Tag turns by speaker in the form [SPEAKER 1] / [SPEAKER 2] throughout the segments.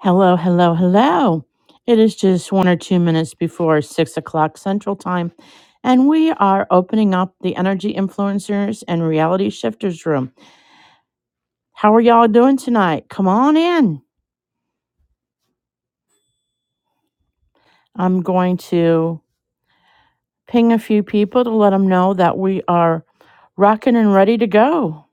[SPEAKER 1] Hello, hello, hello. It is just one or two minutes before six o'clock Central Time, and we are opening up the Energy Influencers and Reality Shifters Room. How are y'all doing tonight? Come on in. I'm going to ping a few people to let them know that we are rocking and ready to go.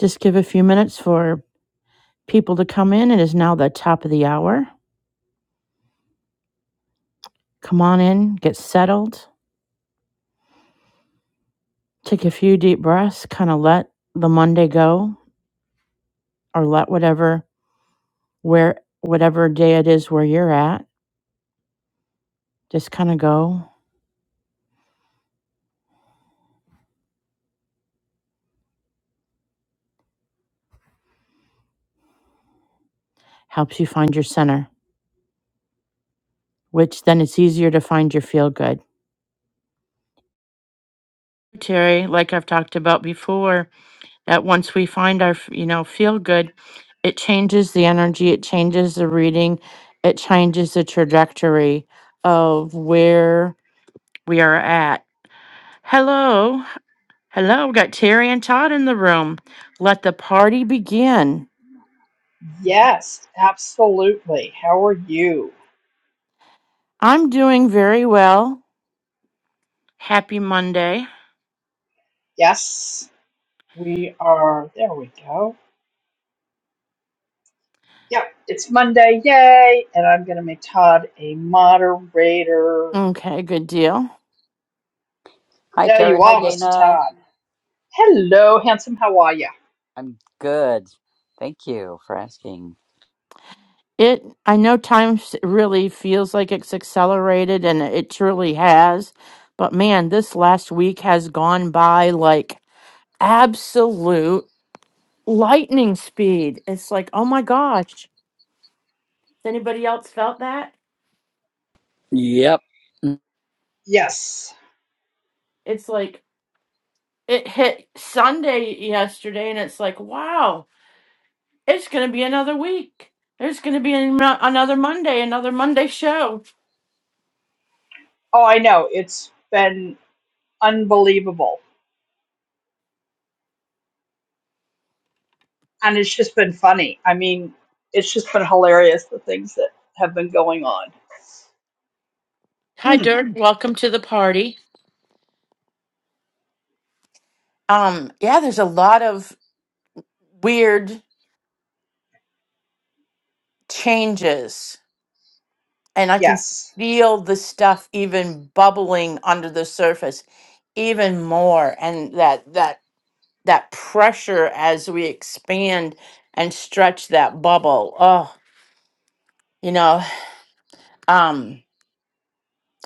[SPEAKER 1] Just give a few minutes for people to come in. It is now the top of the hour. Come on in, get settled, take a few deep breaths, kind of let the Monday go or let whatever where whatever day it is where you're at just kind of go helps you find your center which then it's easier to find your feel good terry like i've talked about before that once we find our you know feel good it changes the energy it changes the reading it changes the trajectory of where we are at hello hello we got terry and todd in the room let the party begin
[SPEAKER 2] Yes, absolutely. How are you?
[SPEAKER 1] i'm doing very well Happy Monday.
[SPEAKER 2] Yes, we are. There we go. Yep, it's Monday. Yay! And I'm going to make Todd a moderator.
[SPEAKER 1] Okay, good deal.
[SPEAKER 3] Hi,
[SPEAKER 2] There
[SPEAKER 3] Terry.
[SPEAKER 2] you
[SPEAKER 3] Hi,
[SPEAKER 2] are, Mr.
[SPEAKER 3] Dana.
[SPEAKER 2] Todd. Hello, handsome. How are you?
[SPEAKER 3] I'm good. Thank you for asking.
[SPEAKER 1] It I know time s- really feels like it's accelerated and it truly has, but man, this last week has gone by like absolute lightning speed. It's like, oh my gosh. Has anybody else felt that?
[SPEAKER 3] Yep. Mm,
[SPEAKER 2] Yes.
[SPEAKER 1] It's like it hit Sunday yesterday and it's like, wow, it's going to be another week. There's going to be an, another Monday, another Monday show.
[SPEAKER 2] Oh, I know. It's been unbelievable. And it's just been funny. I mean, it's just been hilarious the things that have been going on.
[SPEAKER 1] Hi,
[SPEAKER 2] Hmm.
[SPEAKER 1] Dirk. Welcome to the party. Um, yeah, there's a lot of weird changes, and I can
[SPEAKER 2] Yes.
[SPEAKER 1] feel the stuff even bubbling under the surface even more, and that that that pressure as we expand and stretch that bubble. Oh, you know, um,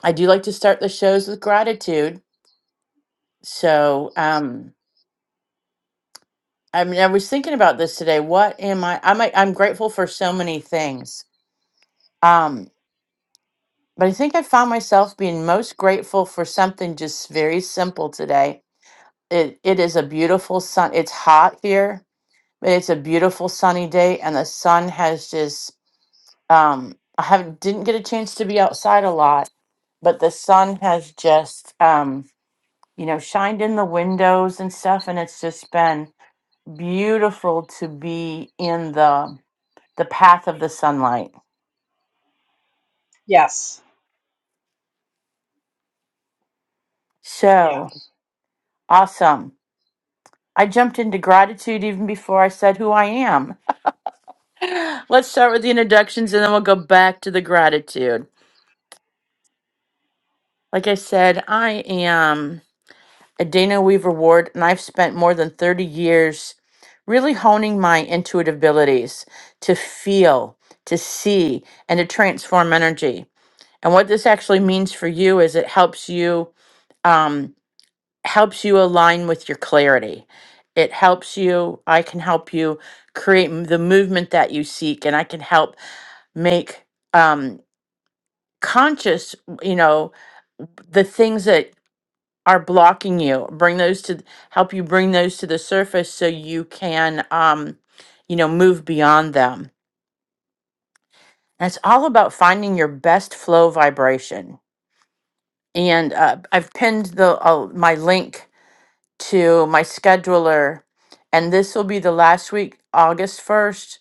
[SPEAKER 1] I do like to start the shows with gratitude. So, um, I mean, I was thinking about this today. What am I? I'm I'm grateful for so many things. Um. But I think I found myself being most grateful for something just very simple today. It it is a beautiful sun. It's hot here, but it's a beautiful sunny day, and the sun has just um I haven't didn't get a chance to be outside a lot, but the sun has just um you know shined in the windows and stuff, and it's just been beautiful to be in the the path of the sunlight.
[SPEAKER 2] Yes. Yeah.
[SPEAKER 1] So awesome. I jumped into gratitude even before I said who I am. Let's start with the introductions and then we'll go back to the gratitude. Like I said, I am a Dana Weaver Ward and I've spent more than 30 years really honing my intuitive abilities to feel, to see, and to transform energy. And what this actually means for you is it helps you. Um, helps you align with your clarity. It helps you, I can help you create m- the movement that you seek, and I can help make um, conscious, you know, the things that are blocking you bring those to help you bring those to the surface so you can um you know move beyond them and it's all about finding your best flow vibration and uh, i've pinned the uh, my link to my scheduler, and this will be the last week, August 1st.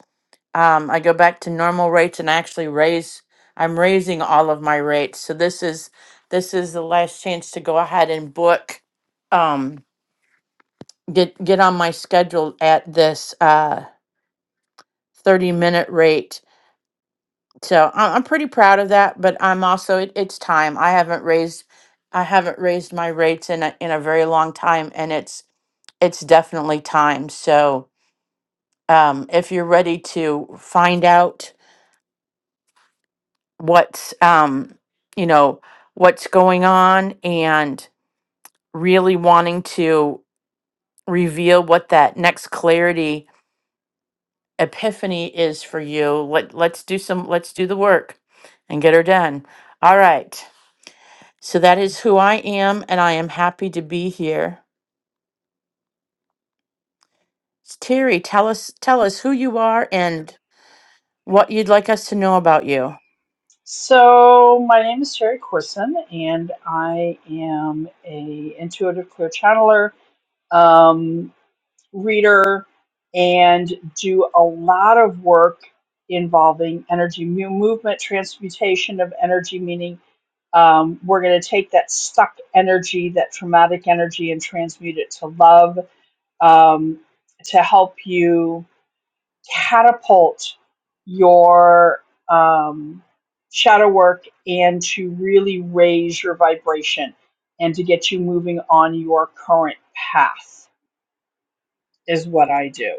[SPEAKER 1] Um, I go back to normal rates and actually raise, I'm raising all of my rates. So this is, this is the last chance to go ahead and book, um, get, get on my schedule at this, uh, 30 minute rate. So I- I'm pretty proud of that, but I'm also, it, it's time. I haven't raised, I haven't raised my rates in a, in a very long time and it's, it's definitely time. So, um, if you're ready to find out what's um, you know what's going on and really wanting to reveal what that next clarity epiphany is for you let let's do some let's do the work and get her done all right so that is who i am and i am happy to be here S- terry tell us tell us who you are and what you'd like us to know about you
[SPEAKER 2] So my name is Terry Corson, and I am a intuitive clear channeler, um, reader, and do a lot of work involving energy mu- movement, transmutation of energy. Meaning, um, we're going to take that stuck energy, that traumatic energy, and transmute it to love um, to help you catapult your um, shadow work and to really raise your vibration and to get you moving on your current path is what I do.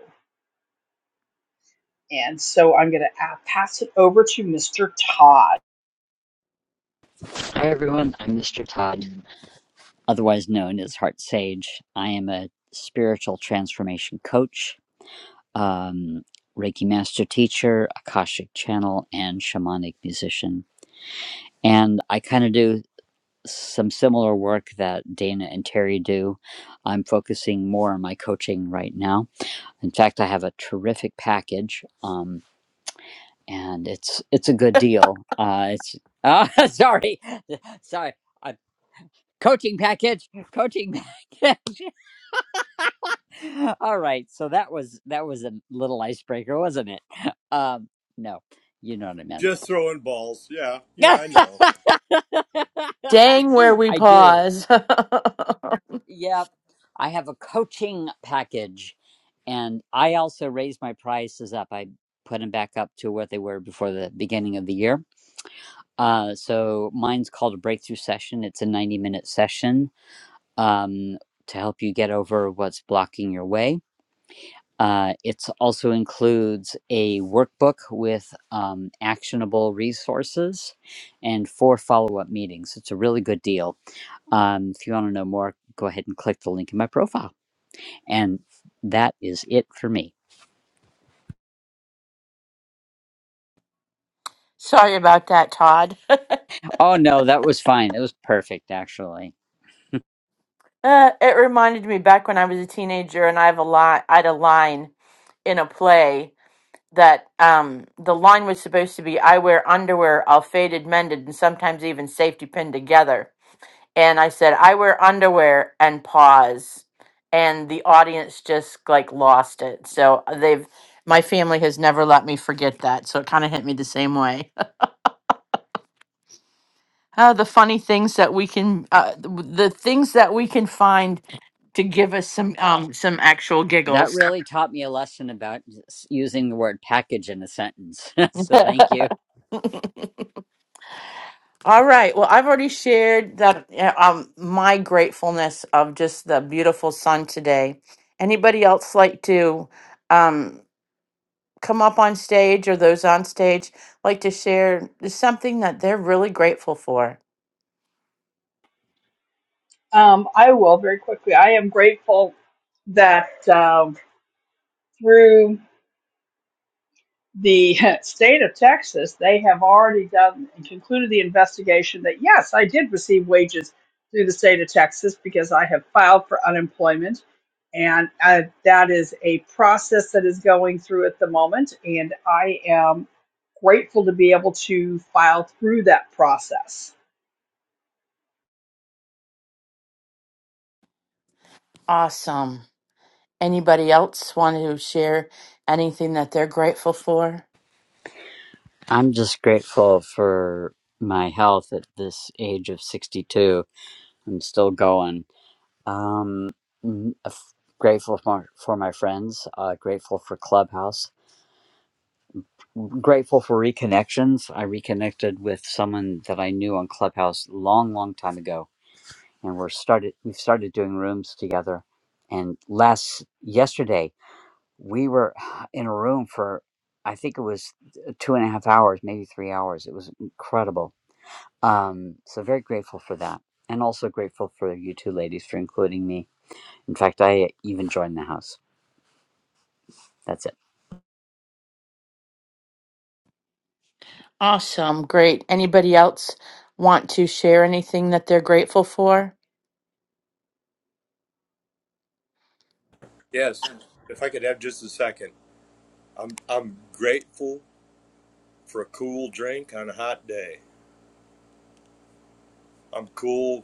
[SPEAKER 2] And so I'm going to pass it over to Mr. Todd.
[SPEAKER 3] Hi, everyone. I'm Mr. Todd, otherwise known as Heart Sage. I am a spiritual transformation coach, um, Reiki master teacher, Akashic channel, and shamanic musician. And I kind of do some similar work that Dana and Terry do. I'm focusing more on my coaching right now. In fact, I have a terrific package. Um, and it's it's a good deal. Uh, it's uh, sorry, sorry. A coaching package, coaching. pa- All right, so that was that was a little icebreaker, wasn't it? Um, no, you know what I meant.
[SPEAKER 4] Just throwing balls. Yeah, yeah, I know.
[SPEAKER 1] Dang, where we
[SPEAKER 3] I do.
[SPEAKER 1] pause.
[SPEAKER 3] Yep, I have a coaching package, and I also raised my prices up. I put them back up to what they were before the beginning of the year Uh, so mine's called a breakthrough session. It's a 90 minute session um, to help you get over what's blocking your way. Uh, it also includes a workbook with um, actionable resources and four follow up meetings. It's a really good deal. Um, if you want to know more, go ahead and click the link in my profile. And that is it for me.
[SPEAKER 1] Sorry about that, Todd.
[SPEAKER 3] Oh, no, that was fine. It was perfect, actually.
[SPEAKER 1] Uh, it reminded me back when I was a teenager, and I have a line. I had a line in a play that um, the line was supposed to be, "I wear underwear, all faded, mended, and sometimes even safety pinned together." And I said, "I wear underwear," and pause, and the audience just like lost it. So uh, they've my family has never let me forget that. So it kind of hit me the same way. Uh, the funny things that we can, uh, the things that we can find to give us some um some actual
[SPEAKER 3] That
[SPEAKER 1] giggles.
[SPEAKER 3] really taught me a lesson about s- using the word package in a sentence. so thank you.
[SPEAKER 1] All right. Well, I've already shared that uh, um my gratefulness of just the beautiful sun today. Anybody else like to um come up on stage or those on stage like to share something that they're really grateful for?
[SPEAKER 2] Um, I will very quickly. I am grateful that um, through the state of Texas, they have already done and concluded the investigation that yes, I did receive wages through the state of Texas because I have filed for unemployment. And uh, that is a process that is going through at the moment. And I am grateful to be able to file through that process.
[SPEAKER 1] Awesome. Anybody else want to share anything that they're grateful for?
[SPEAKER 3] I'm just grateful for my health at this age of 62. I'm still going. Um, n- f- grateful for, for my friends, uh, grateful for Clubhouse, grateful for reconnections. I reconnected with someone that I knew on Clubhouse long, long time ago. And we're started, we've started doing rooms together. And last, yesterday, we were in a room for i think it was uh, two and a half hours maybe three hours it was incredible um, so very grateful for that and also grateful for you two ladies for including me in fact i even joined the house that's it
[SPEAKER 1] Awesome. Great. Anybody else want to share anything that they're grateful for?
[SPEAKER 4] Yes. If I could have just a second, I'm I'm grateful for a cool drink on a hot day. I'm cool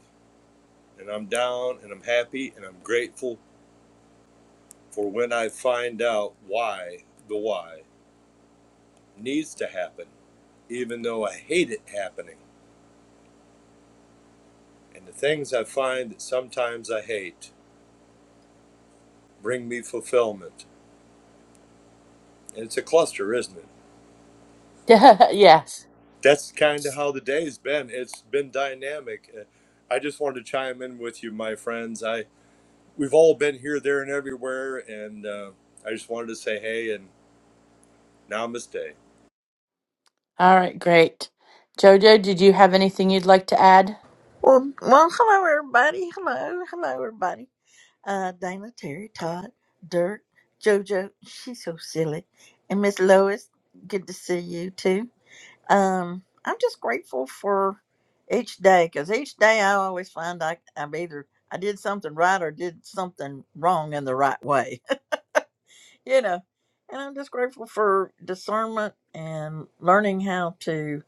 [SPEAKER 4] and I'm down and I'm happy and I'm grateful for when I find out why the why needs to happen, even though I hate it happening. And the things I find that sometimes I hate bring me fulfillment. And it's a cluster, isn't it?
[SPEAKER 1] yes.
[SPEAKER 4] that's kind of how the day's been. It's been dynamic. Uh, I just wanted to chime in with you, my friends. I we've all been here, there, and everywhere, and uh, I just wanted to say hey and namaste.
[SPEAKER 1] All right, great. Jojo, did you have anything you'd like to add?
[SPEAKER 5] Well, well, hello everybody. Hello, hello everybody. Uh, Dana, Terry, Todd, Dirk, JoJo. She's so silly, and Miss Lois. Good to see you too. Um, I'm just grateful for each day because each day I always find I I've either I did something right or did something wrong in the right way, you know. And I'm just grateful for discernment and learning how to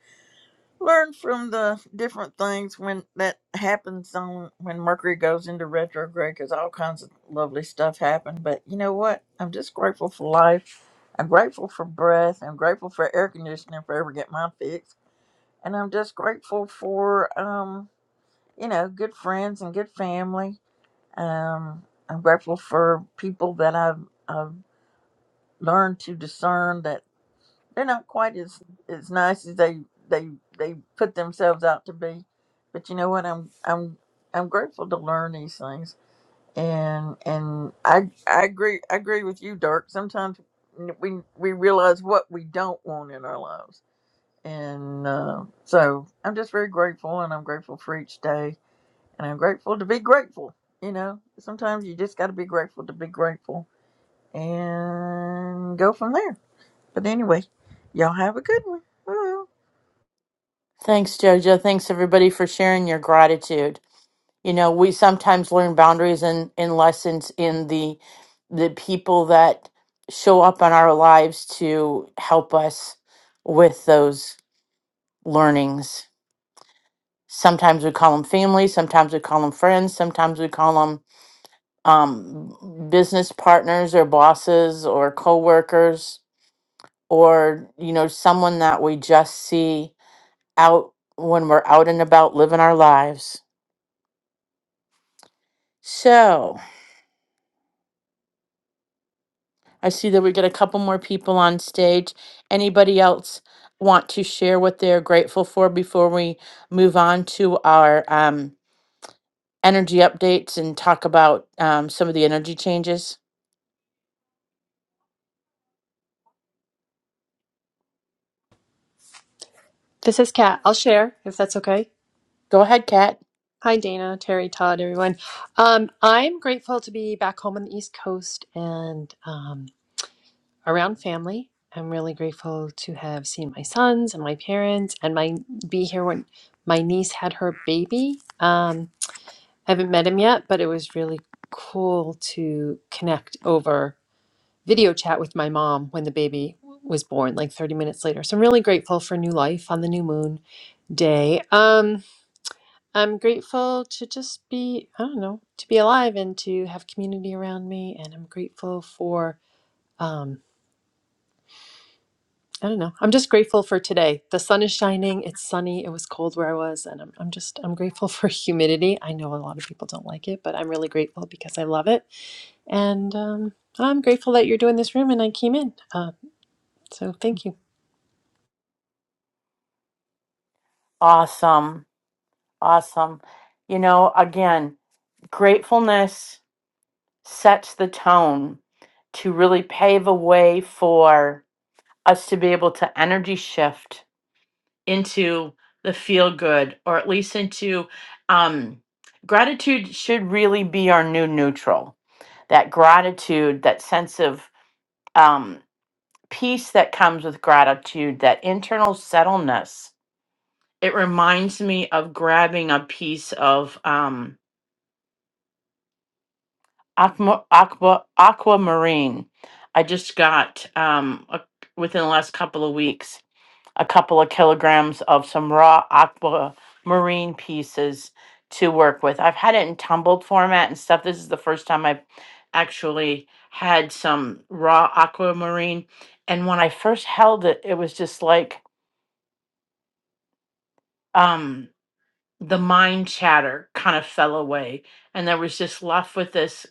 [SPEAKER 5] learn from the different things when that happens on when Mercury goes into retrograde because all kinds of lovely stuff happen. But you know what? I'm just grateful for life. I'm grateful for breath. I'm grateful for air conditioning if I ever get mine fixed. And I'm just grateful for um, you know, good friends and good family. Um, I'm grateful for people that I've I've learned to discern that they're not quite as as nice as they they they put themselves out to be but you know what i'm i'm i'm grateful to learn these things and and i i agree i agree with you dark sometimes we we realize what we don't want in our lives and uh, so i'm just very grateful and i'm grateful for each day and i'm grateful to be grateful you know sometimes you just got to be grateful to be grateful and go from there but anyway, y'all have a good one. Oh.
[SPEAKER 1] Thanks, Jojo. Thanks, everybody, for sharing your gratitude. You know, we sometimes learn boundaries and, in in lessons in the the people that show up in our lives to help us with those learnings. Sometimes we call them family, sometimes we call them friends, sometimes we call them um, business partners or bosses or coworkers or you know someone that we just see out when we're out and about living our lives so i see that we got a couple more people on stage anybody else want to share what they're grateful for before we move on to our um, energy updates and talk about um, some of the energy changes
[SPEAKER 6] This is Kat. I'll share if that's okay.
[SPEAKER 1] go ahead kat
[SPEAKER 6] Hi, Dana, Terry, Todd, everyone. Um, I'm grateful to be back home on the East Coast and um, around family. I'm really grateful to have seen my sons and my parents and my be here when my niece had her baby. Um, I haven't met him yet, but it was really cool to connect over video chat with my mom when the baby was born, like 30 minutes later. So I'm really grateful for new life on the new moon day. Um, I'm grateful to just be, I don't know, to be alive and to have community around me. And I'm grateful for, um, I don't know, I'm just grateful for today. The sun is shining, it's sunny, it was cold where I was. And I'm, I'm just, I'm grateful for humidity. I know a lot of people don't like it, but I'm really grateful because I love it. And um, I'm grateful that you're doing this room and I came in. Uh, so thank you.
[SPEAKER 1] awesome awesome you know again gratefulness sets the tone to really pave a way for us to be able to energy shift into the feel good or at least into um, gratitude should really be our new neutral that gratitude that sense of um, peace that comes with gratitude that internal settleness it reminds me of grabbing a piece of um, Aqua, aqua, aquamarine. I just got um a, within the last couple of weeks a couple of kilograms of some raw aquamarine pieces to work with. I've had it in tumbled format and stuff. This is the first time I've actually had some raw aquamarine. And when I first held it, it was just like um the mind chatter kind of fell away, and there was just left with this.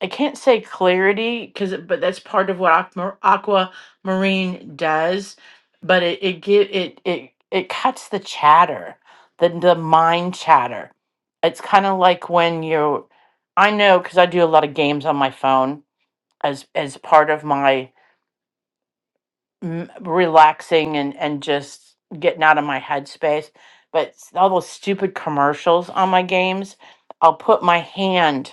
[SPEAKER 1] I can't say clarity because, but that's part of what aqua, aquamarine does. But it it get it it it cuts the chatter, the the mind chatter. It's kind of like when you, I know because I do a lot of games on my phone as as part of my m- relaxing and and just getting out of my headspace. But s- all those stupid commercials on my games, I'll put my hand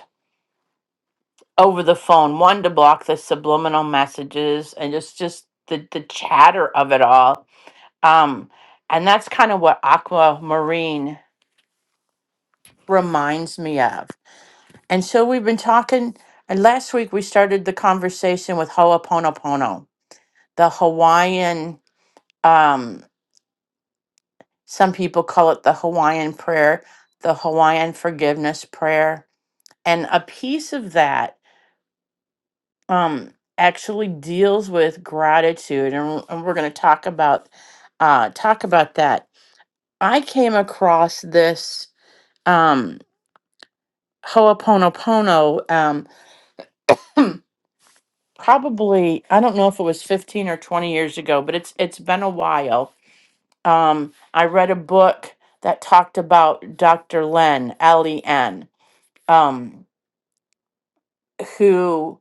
[SPEAKER 1] over the phone one to block the subliminal messages and just just the the chatter of it all um and that's kind of what aquamarine reminds me of and so we've been talking and last week we started the conversation with ho'oponopono the hawaiian um some people call it the hawaiian prayer the hawaiian forgiveness prayer and a piece of that um actually deals with gratitude and, and we're going to talk about uh talk about that i came across this um ho'oponopono um probably i don't know if it was 15 or 20 years ago but it's it's been a while um i read a book that talked about dr len l-e-n um who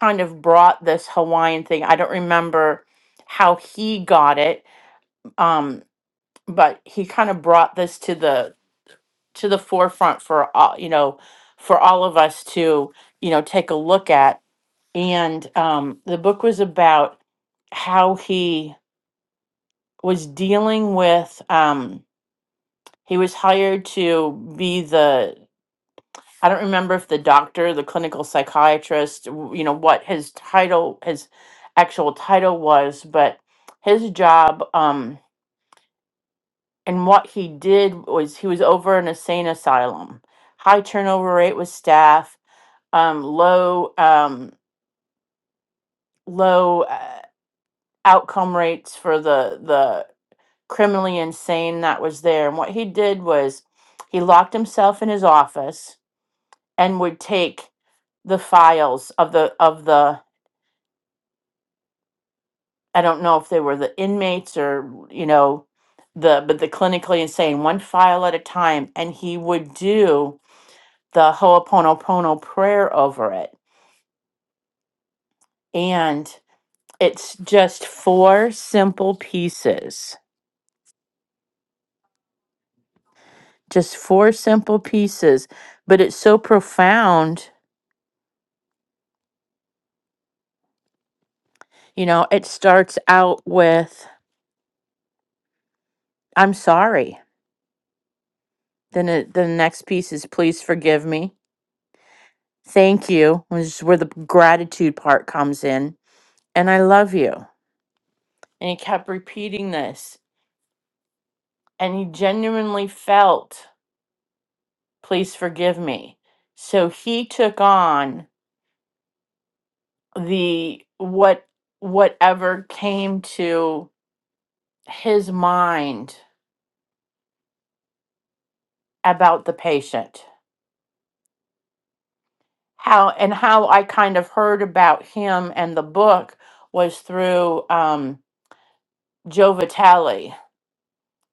[SPEAKER 1] kind of brought this hawaiian thing i don't remember how he got it um, but he kind of brought this to the to the forefront for all you know for all of us to you know take a look at and um, the book was about how he was dealing with um, he was hired to be the i don't remember if the doctor the clinical psychiatrist w- you know what his title his actual title was but his job um, And what he did was he was over an insane asylum. High turnover rate with staff, um, low um, low uh, outcome rates for the the criminally insane that was there. And what he did was he locked himself in his office and would take the files of the of the I don't know if they were the inmates or you know the but the clinically insane one file at a time and he would do the Ho'oponopono prayer over it. And it's just four simple pieces, just four simple pieces, but it's so profound. You know, it starts out with, I'm sorry. Then it, the next piece is, please forgive me. Thank you, which is where the gratitude part comes in. And I love you. And he kept repeating this. And he genuinely felt, please forgive me. So he took on the what whatever came to his mind about the patient how and how i kind of heard about him and the book was through um, joe vitale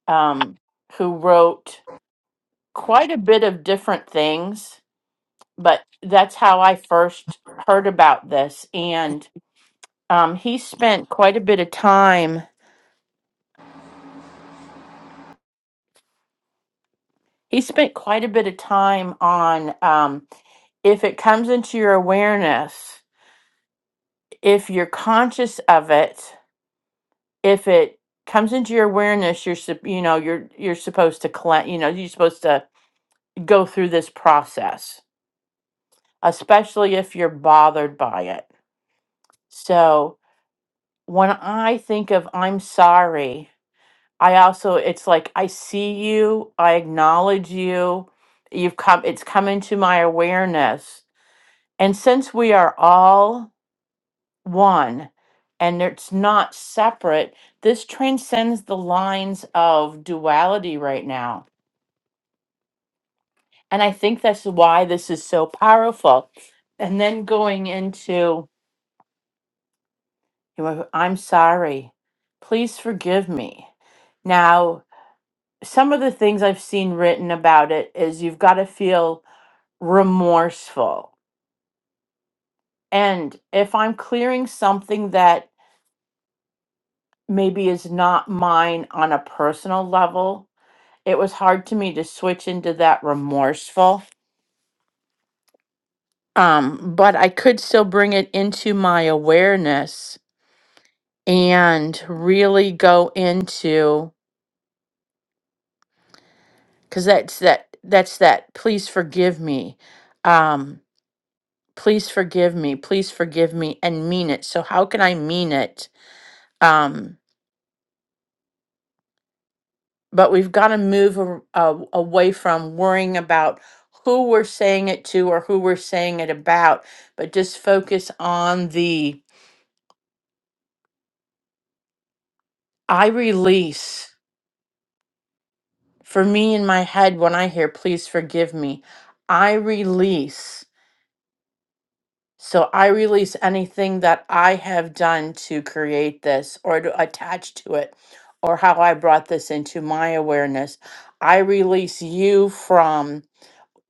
[SPEAKER 1] um, who wrote quite a bit of different things but that's how i first heard about this and um, he spent quite a bit of time he spent quite a bit of time on um, if it comes into your awareness, if you're conscious of it, if it comes into your awareness, you're sup- you know you're you're supposed to clean, you know you're supposed to go through this process, especially if you're bothered by it. So when I think of I'm sorry, I also it's like I see you, I acknowledge you. You've come it's come into my awareness. And since we are all one and it's not separate this transcends the lines of duality right now and i think that's why this is so powerful and then going into you know, i'm sorry please forgive me now some of the things i've seen written about it is you've got to feel remorseful and if i'm clearing something that maybe is not mine on a personal level it was hard to me to switch into that remorseful um but i could still bring it into my awareness and really go into because that's that that's that please forgive me um please forgive me please forgive me and mean it so how can i mean it um but we've got to move a, a, away from worrying about who we're saying it to or who we're saying it about but just focus on the I release, for me in my head, when I hear, please forgive me, I release. So I release anything that I have done to create this or to attach to it or how I brought this into my awareness. I release you from,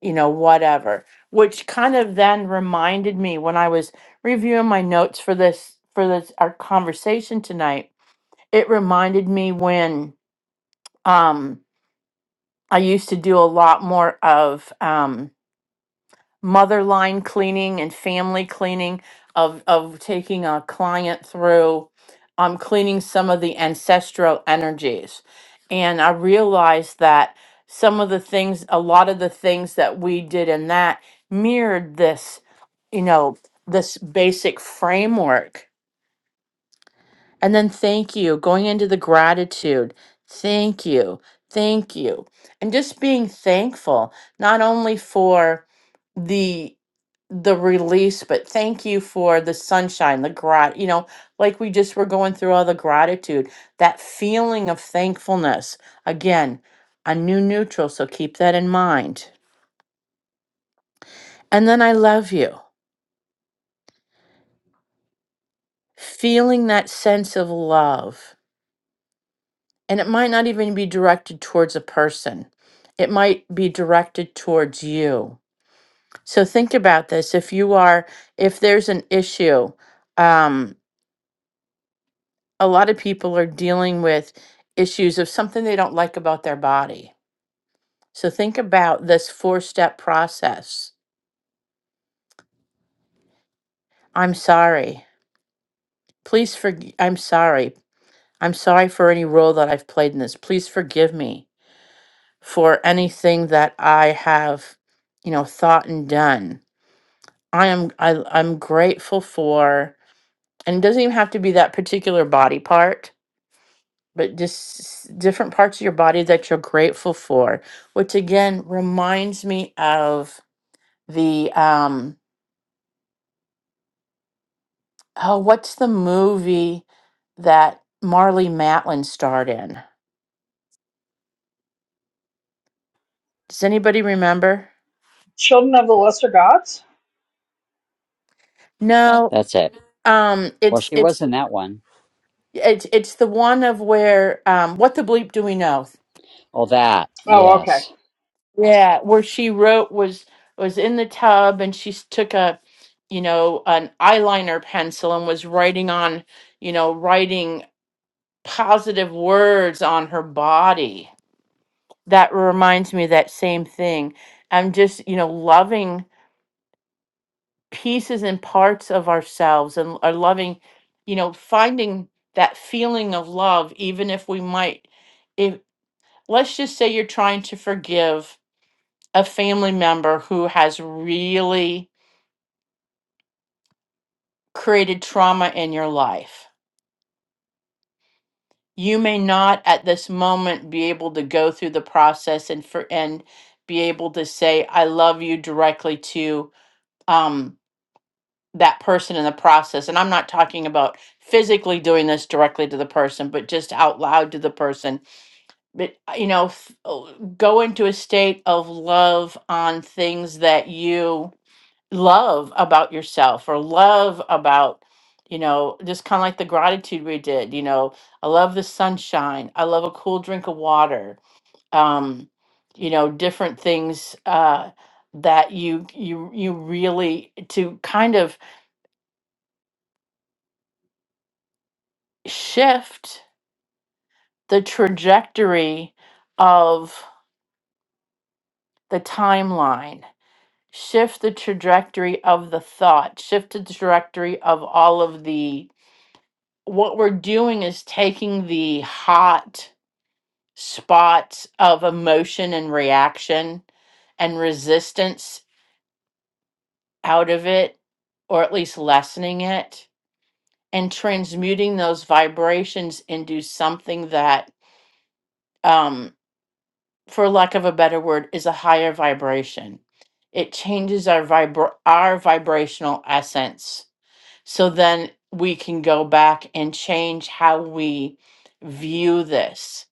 [SPEAKER 1] you know, whatever, which kind of then reminded me when I was reviewing my notes for this, for this, our conversation tonight, it reminded me when, um. I used to do a lot more of um, mother line cleaning and family cleaning of of taking a client through um, cleaning some of the ancestral energies, and I realized that some of the things, a lot of the things that we did in that mirrored this, you know, this basic framework and then thank you, going into the gratitude. Thank you. Thank you. And just being thankful, not only for the the release, but thank you for the sunshine, the grat you know, like we just were going through all the gratitude, that feeling of thankfulness. Again, a new neutral, so keep that in mind. And then I love you. Feeling that sense of love. And it might not even be directed towards a person, it might be directed towards you. So think about this. If you are, if there's an issue, um, a lot of people are dealing with issues of something they don't like about their body. So think about this four step process. I'm sorry. Please forgive. I'm sorry. I'm sorry for any role that I've played in this. Please forgive me for anything that I have, you know, thought and done. I am I I'm grateful for and it doesn't even have to be that particular body part, but just s- different parts of your body that you're grateful for, which again reminds me of the um oh what's the movie that Marley Matlin starred in? Does anybody remember?
[SPEAKER 2] Children of the lesser gods?
[SPEAKER 1] No.
[SPEAKER 3] that's it
[SPEAKER 1] Um
[SPEAKER 3] well
[SPEAKER 1] it's
[SPEAKER 3] she was
[SPEAKER 1] it's
[SPEAKER 3] in that one.
[SPEAKER 1] it's it's the one of where um what the bleep do we know?
[SPEAKER 3] Oh, that
[SPEAKER 2] Oh, okay.
[SPEAKER 3] yes
[SPEAKER 1] Yeah, where she wrote was was in the tub and she s- took a, you know, an eyeliner pencil and was writing on, you know, writing positive words on her body. That reminds me of that same thing. I'm just, you know, loving pieces and parts of ourselves and are loving, you know, finding that feeling of love, even if we might, if let's just say you're trying to forgive a family member who has really created trauma in your life. You may not at this moment be able to go through the process and for and be able to say I love you directly to um that person in the process. And I'm not talking about physically doing this directly to the person, but just out loud to the person. But uh, you know, f- oh, go into a state of love on things that you love about yourself or love about you know just kind of like the gratitude we did you know i love the sunshine i love a cool drink of water um you know different things uh that you you you really to kind of shift the trajectory of the timeline shift the trajectory of the thought shift the trajectory of all of the what we're doing is taking the hot spots of emotion and reaction and resistance out of it, or at least lessening it, and transmuting those vibrations into something that, um, for lack of a better word, is a higher vibration. It changes our vibra- our vibrational essence. So then we can go back and change how we view this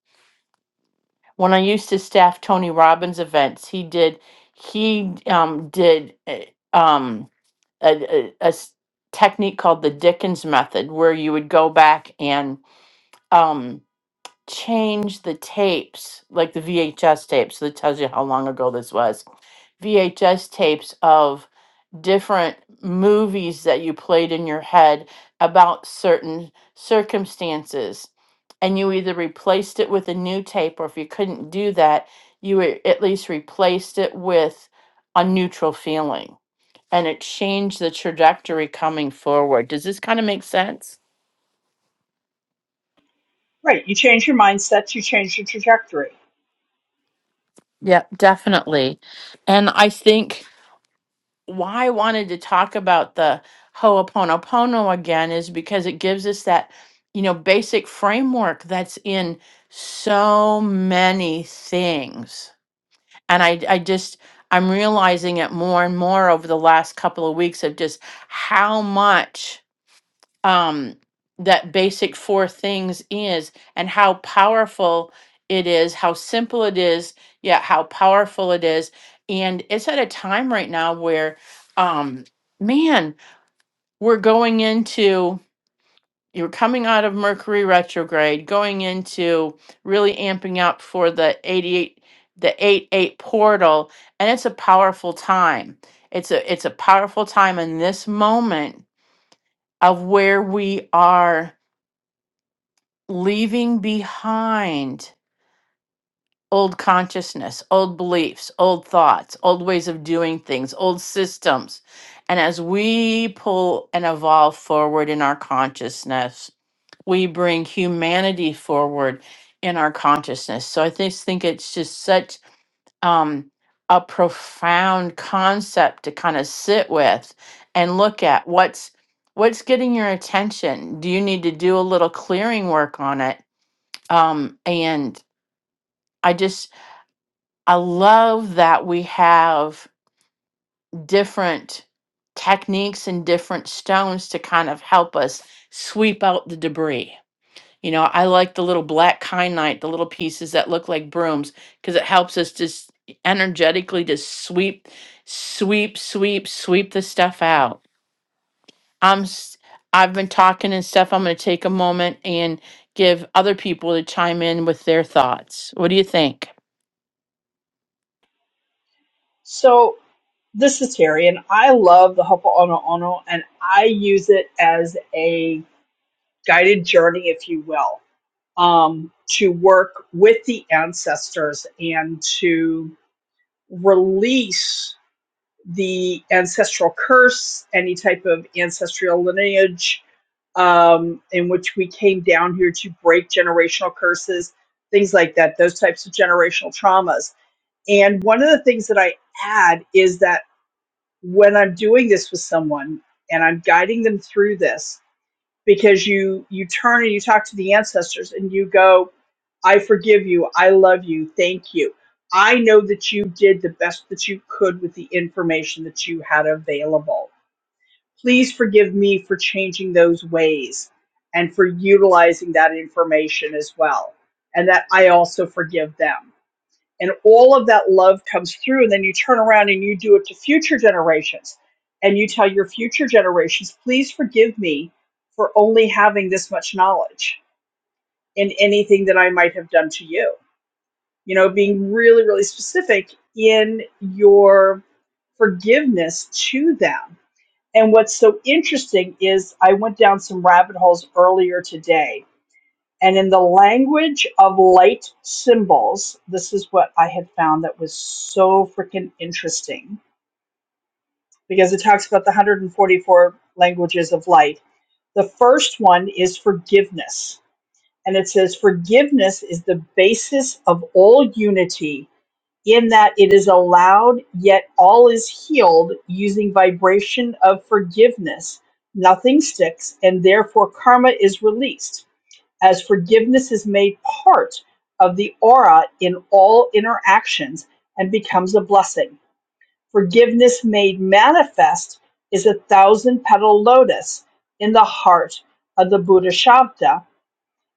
[SPEAKER 1] when I used to staff Tony Robbins events, he did he um, did a- um, a, a- a s- technique called the Dickens method, where you would go back and um, change the tapes, like the VHS tapes. So that tells you how long ago this was. VHS tapes of different movies that you played in your head about certain circumstances and you either replaced it with a new tape or if you couldn't do that you a- at least replaced it with a neutral feeling and it changed the trajectory coming forward does this kind of make sense
[SPEAKER 2] Right. You change your mindset, you change your trajectory.
[SPEAKER 1] yep definitely and i think why I wanted to talk about the Ho'oponopono again is because it gives us that, you know, basic framework that's in so many things. And I, I just, I'm realizing it more and more over the last couple of weeks of just how much um, that basic four things is and how powerful it is, how simple it is, yet how powerful it is. And it's at a time right now where, um, man, we're going into, you're coming out of Mercury retrograde, going into really amping up for the 88, the 8 8 portal. And it's a powerful time. It's a, it's a powerful time in this moment of where we are leaving behind old consciousness, old beliefs, old thoughts, old ways of doing things, old systems. And as we pull and evolve forward in our consciousness, we bring humanity forward in our consciousness. So I just think it's just such um, a profound concept to kind of sit with and look at what's what's getting your attention. Do you need to do a little clearing work on it? Um, and I just, I love that we have different techniques and different stones to kind of help us sweep out the debris. You know, I like the little black kyanite, the little pieces that look like brooms, because it helps us just energetically just sweep, sweep, sweep, sweep the stuff out. I'm, s- I've been talking and stuff. I'm going to take a moment and give other people to chime in with their thoughts. What do you think?
[SPEAKER 2] So. this is Terry, and I love the Hopo'ono Ono, and I use it as a guided journey, if you will, um, to work with the ancestors and to release the ancestral curse, any type of ancestral lineage um, in which we came down here to break generational curses, things like that, those types of generational traumas. And one of the things that I add is that when I'm doing this with someone and I'm guiding them through this because you you turn and you talk to the ancestors and you go I forgive you I love you thank you I know that you did the best that you could with the information that you had available please forgive me for changing those ways and for utilizing that information as well and that I also forgive them and all of that love comes through and then you turn around and you do it to future generations and you tell your future generations please forgive me for only having this much knowledge in anything that i might have done to you you know being really really specific in your forgiveness to them and what's so interesting is i went down some rabbit holes earlier today and in the language of light symbols, this is what I had found that was so freaking interesting because it talks about the 144 languages of light. The first one is forgiveness. And it says, Forgiveness is the basis of all unity in that it is allowed, yet all is healed using vibration of forgiveness. Nothing sticks, and therefore karma is released as forgiveness is made part of the aura in all interactions and becomes a blessing. Forgiveness made manifest is a thousand petal lotus in the heart of the Buddha Shabda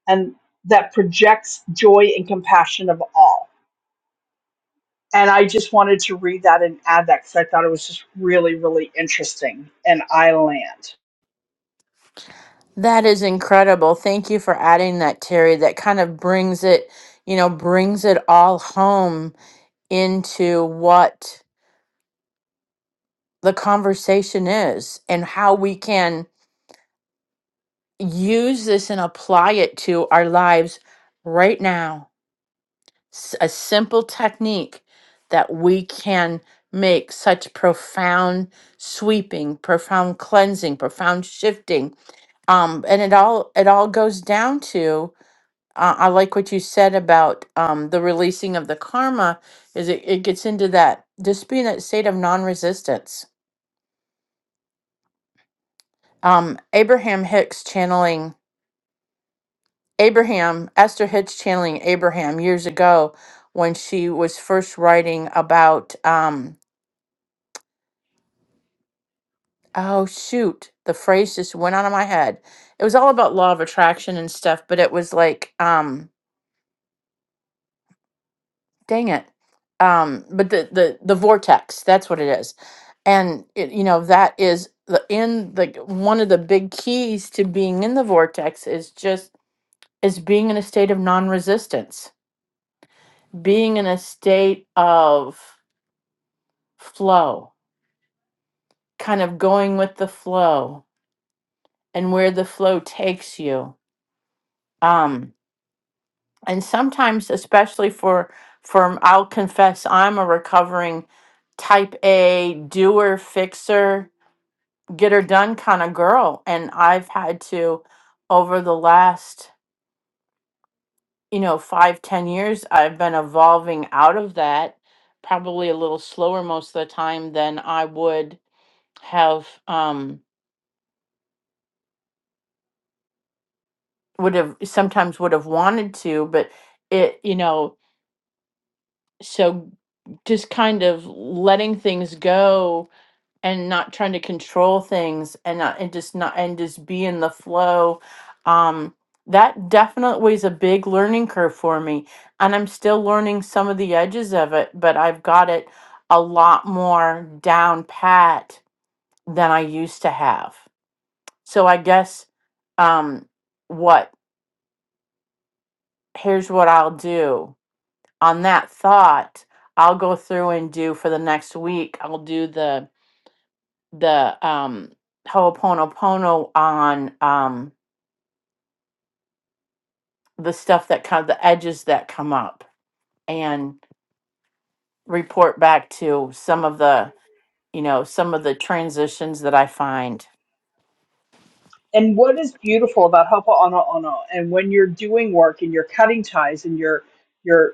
[SPEAKER 2] and that projects joy and compassion of all. And I just wanted to read that and add that because I thought it was just really, really interesting. And I land.
[SPEAKER 1] That is incredible. Thank you for adding that, Terry. That kind of brings it, you know, brings it all home into what the conversation is and how we can use this and apply it to our lives right now. S- A simple technique that we can make such profound sweeping, profound cleansing, profound shifting. Um, and it all it all goes down to I, I like what you said about um, the releasing of the karma. Is it, it gets into that just being that state of non-resistance. Um, Abraham Hicks channeling Abraham Esther Hicks channeling Abraham years ago when she was first writing about um, oh shoot the phrase just went out of my head. It was all about law of attraction and stuff, but it was like. Um, dang it um but the the the vortex that's what it is and it, you know that is the in the one of the big keys to being in the vortex is just is being in a state of non-resistance being in a state of flow kind of going with the flow and where the flow takes you um and sometimes especially for for i'll confess i'm a recovering type a doer fixer get her done kind of girl and i've had to over the last you know five ten years i've been evolving out of that probably a little slower most of the time than i would have um would have sometimes would have wanted to but it you know so just kind of letting things go and not trying to control things and not and just not and just be in the flow um that definitely is a big learning curve for me and i'm still learning some of the edges of it but i've got it a lot more down pat than i used to have so i guess um what here's what i'll do on that thought i'll go through and do for the next week i'll do the the um Ho'oponopono on um the stuff that kind of the edges that come up and report back to some of the you know some of the transitions that I find.
[SPEAKER 2] And what is beautiful about Hopa Ono Ono, and when you're doing work and you're cutting ties and you're, you're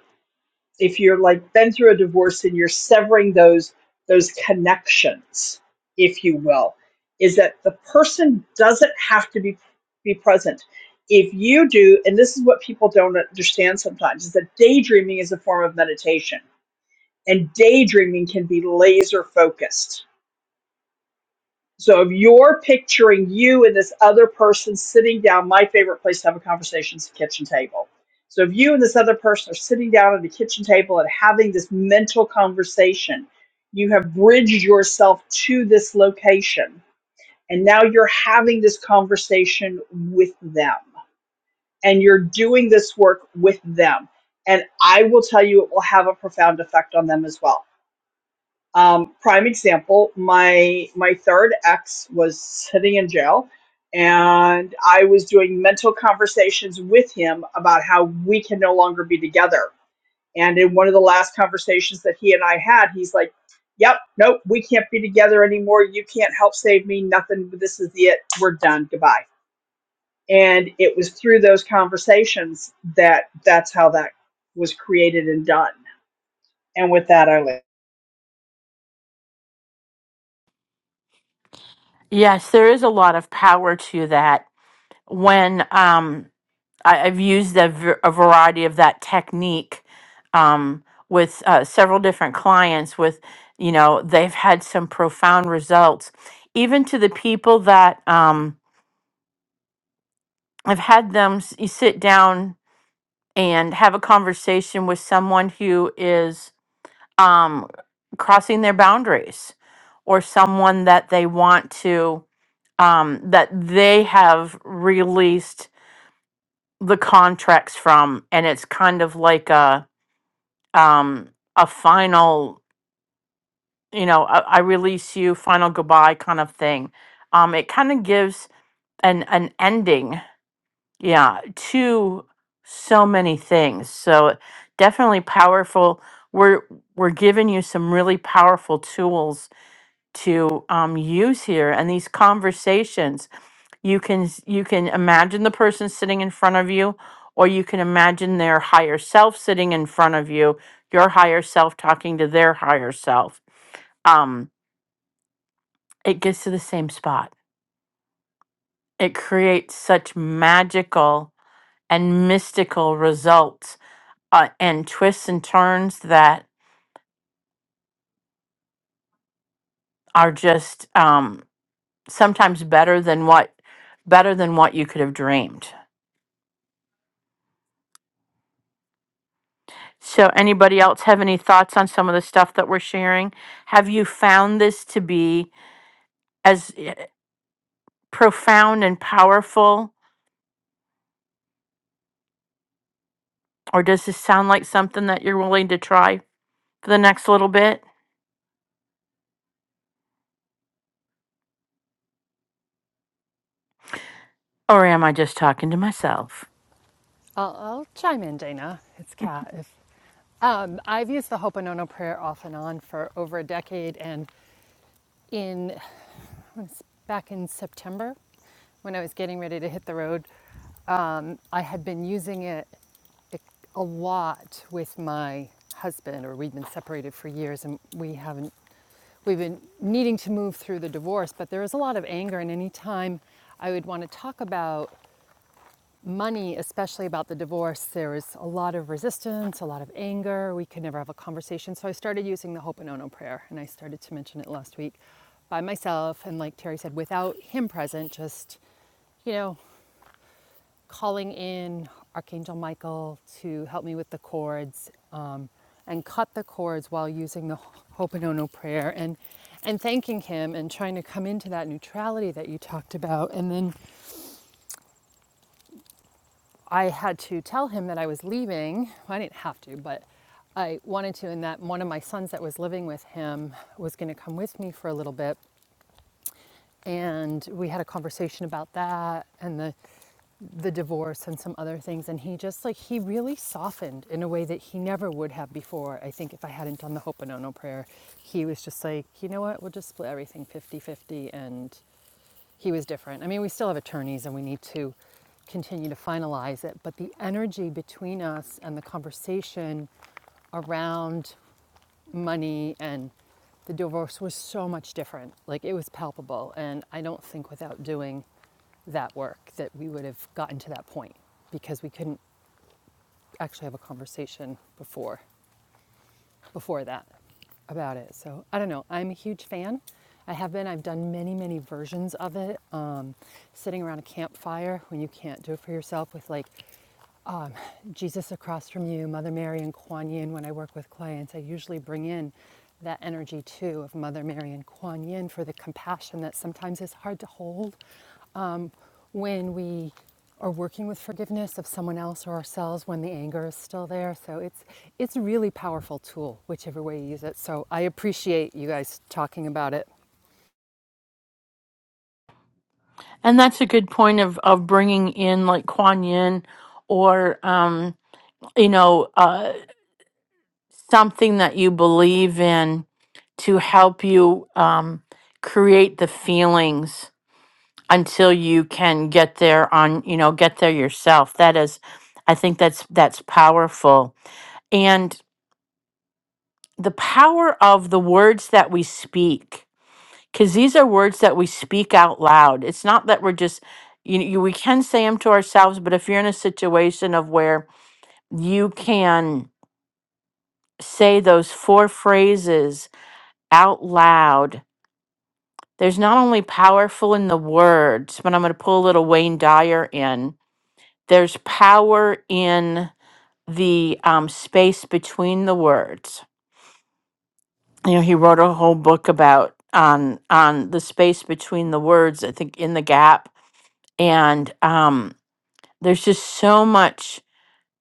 [SPEAKER 2] if you're like been through a divorce and you're severing those those connections if you will is that the person doesn't have to be be present if you do and this is what people don't understand sometimes is that daydreaming is a form of meditation and daydreaming can be laser focused so if you're picturing you and this other person sitting down, my favorite place to have a conversation is the kitchen table. So if you and this other person are sitting down at the kitchen table and having this mental conversation, you have bridged yourself to this location. And now you're having this conversation with them. And you're doing this work with them. And I will tell you, it will have a profound effect on them as well um, prime example, my my third ex was sitting in jail, and I was doing mental conversations with him about how we can no longer be together. And in one of the last conversations that he and I had, he's like, "Yep, nope, we can't be together anymore. You can't help save me. Nothing. This is it. We're done. Goodbye." And it was through those conversations that that's how that was created and done. And with that, I leave.
[SPEAKER 1] Yes, there is a lot of power to that. When um I, I've used a, v- a variety of that technique um with uh, several different clients with you know they've had some profound results even to the people that um I've had them s- you sit down and have a conversation with someone who is um, crossing their boundaries or someone that they want to um, that they have released the contracts from and it's kind of like a um, a final you know I, I release you final goodbye kind of thing um, it kind of gives an an ending yeah to so many things so definitely powerful we're we're giving you some really powerful tools to um, use here and these conversations you can s- you can imagine the person sitting in front of you or you can imagine their higher self sitting in front of you your higher self talking to their higher self um, it gets to the same spot. It creates such magical and mystical results uh, and twists and turns that are just um, sometimes better than what better than what you could have dreamed. So, anybody else have any thoughts on some of the stuff that we're sharing? Have you found this to be as eh, profound and powerful, or does this sound like something that you're willing to try for the next little bit? Or am I just talking to myself?
[SPEAKER 6] I'll, I'll chime in, Dana. It's Kat. If, um, I've used the Hoponono prayer off and on for over a decade, and in back in September when I was getting ready to hit the road. Um, I had been using it a lot with my husband, or we'd been separated for years, and we haven't. We've been needing to move through the divorce, but there was a lot of anger, and any time I would want to talk about money, especially about the divorce, there was a lot of resistance, a lot of anger. We could never have a conversation. So I started using the Ho'oponopono prayer, and I started to mention it last week by myself. And like Terry said, without him present, just, you know, calling in Archangel Michael to help me with the cords um, and cut the cords while using the Ho'oponopono prayer and, and thanking him and trying to come into that neutrality that you talked about. And then I had to tell him that I was leaving. Well, I didn't have to, but I wanted to, and that one of my sons that was living with him was going to come with me for a little bit. And we had a conversation about that and the, the divorce and some other things. And he just like, he really softened in a way that he never would have before. I think if I hadn't done the Ho'oponopono prayer, he was just like, you know what, we'll just split everything fifty-fifty And he was different. I mean, we still have attorneys and we need to continue to finalize it, but the energy between us and the conversation around money and the divorce was so much different. Like it was palpable. And I don't think without doing that work that we would have gotten to that point because we couldn't actually have a conversation before before that about it. So I don't know. I'm a huge fan. I have been. I've done many, many versions of it. Um, sitting around a campfire when you can't do it for yourself with like Jesus across from you, Mother Mary and Kuan Yin when I work with clients. I usually bring in that energy too of Mother Mary and Kuan Yin for the compassion that sometimes is hard to hold um, when we are working with forgiveness of someone else or ourselves when the anger is still there. So it's it's a really powerful tool, whichever way you use it. So I appreciate you guys talking about it.
[SPEAKER 1] And that's a good point of of bringing in like Kuan Yin or um you know uh something that you believe in to help you um create the feelings until you can get there on you know get there yourself that is i think that's that's powerful and the power of the words that we speak because these are words that we speak out loud it's not that we're just you, you we can say them to ourselves but if you're in a situation of where you can say those four phrases out loud there's not only powerful in the words but i'm going to pull a little wayne dyer in There's power in the um, space between the words. You know, he wrote a whole book about on on the space between the words. I think in the gap, and um, there's just so much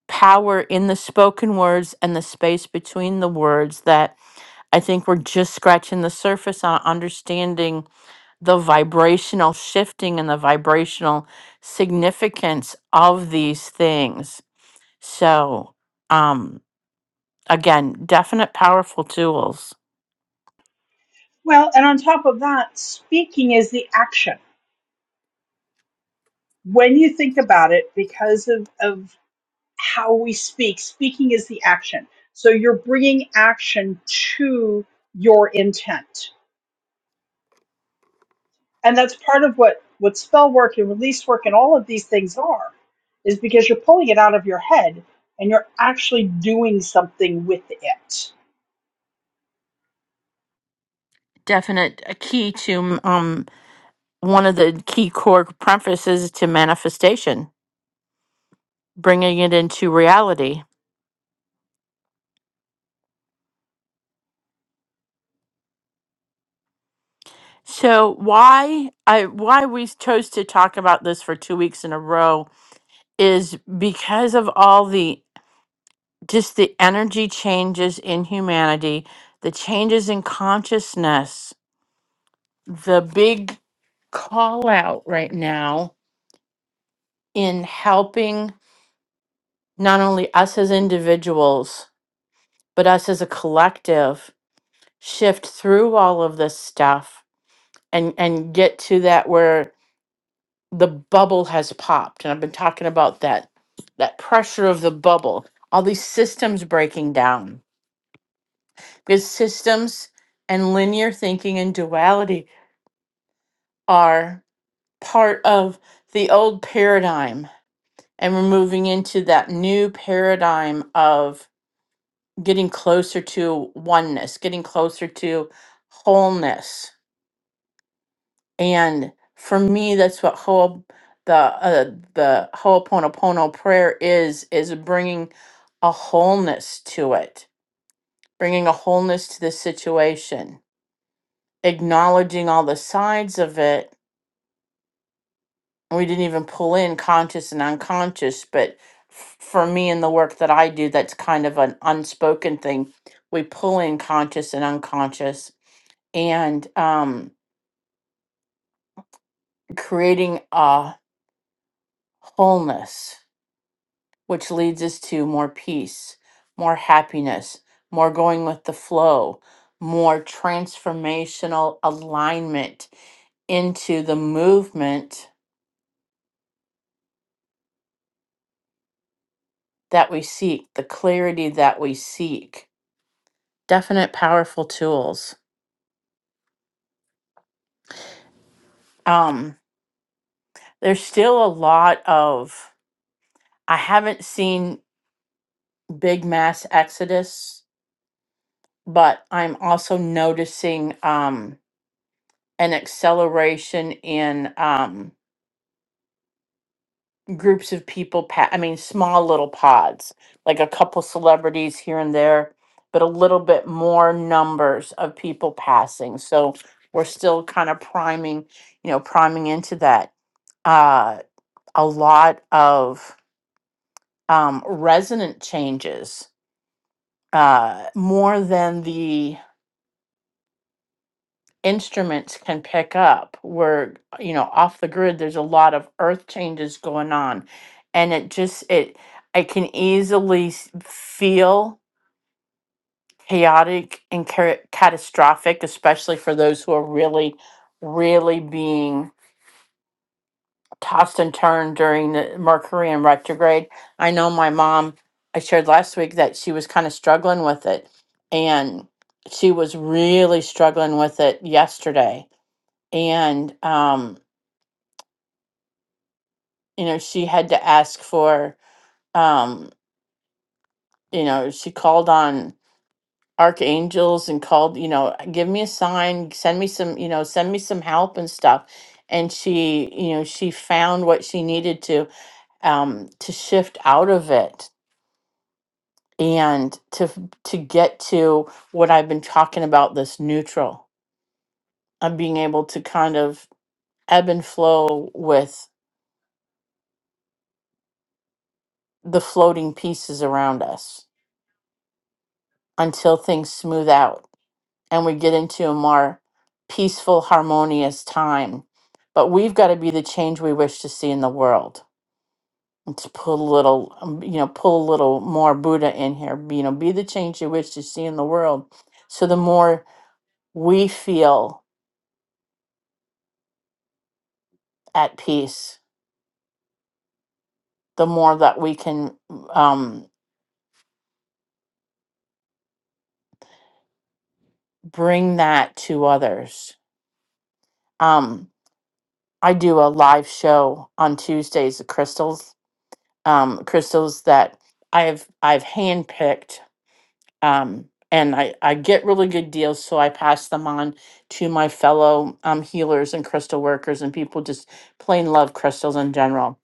[SPEAKER 1] power in the spoken words and the space between the words that I think we're just scratching the surface on understanding the vibrational shifting and the vibrational significance of these things. So, um, again, definite powerful tools.
[SPEAKER 2] Well, and on top of that, speaking is the action. When you think about it, because of, of how we speak, speaking is the action. So you're bringing action to your intent. And that's part of what, what spell work and release work and all of these things are, is because you're pulling it out of your head and you're actually doing something with it.
[SPEAKER 1] Definite a key to um one of the key core prefaces to manifestation, bringing it into reality. So why I why we chose to talk about this for two weeks in a row is because of all the just the energy changes in humanity, the changes in consciousness, the big call out right now in helping not only us as individuals, but us as a collective shift through all of this stuff and and get to that where the bubble has popped. And I've been talking about that that pressure of the bubble, all these systems breaking down. Because systems and linear thinking and duality are part of the old paradigm and we're moving into that new paradigm of. getting closer to oneness, getting closer to wholeness. And for me, that's what Ho, the uh, the Ho'oponopono prayer is is bringing a wholeness to it, bringing a wholeness to the situation, acknowledging all the sides of it. We didn't even pull in conscious and unconscious, but f- for me in the work that I do, that's kind of an unspoken thing. We pull in conscious and unconscious and um, creating a wholeness, which leads us to more peace, more happiness, more going with the flow, more transformational alignment into the movement that we seek, the clarity that we seek. Definite powerful tools. Um, there's still a lot of, I haven't seen big mass exodus, but I'm also noticing. Um, an acceleration in um, groups of people. Pa- I mean, small little pods, like a couple celebrities here and there, but a little bit more numbers of people passing. So we're still kind of priming, you know, priming into that. Uh, a lot of um, resonant changes, uh, more than the instruments can pick up where you know off the grid there's a lot of earth changes going on and it just it i can easily s- feel chaotic and ca- catastrophic especially for those who are really really being tossed and turned during the mercury in retrograde i know my mom i shared last week that she was kind of struggling with it and she was really struggling with it yesterday and um, you know she had to ask for um you know she called on archangels and called you know give me a sign send me some you know send me some help and stuff and she you know she found what she needed to um to shift out of it and to f- to get to what i've been talking about this neutral of being able to kind of ebb and flow with the floating pieces around us until things smooth out and we get into a more peaceful, harmonious time. But we've got to be the change we wish to see in the world. And to put a little, um, you know, pull a little more Buddha in here. be- You know, be the change you wish to see in the world. So the more we feel at peace, the more that we can um, bring that to others. Um, I do a live show on Tuesdays of crystals, um, crystals that I've I've handpicked um, and I, I get really good deals, so I pass them on to my fellow um, healers and crystal workers and people just plain love crystals in general.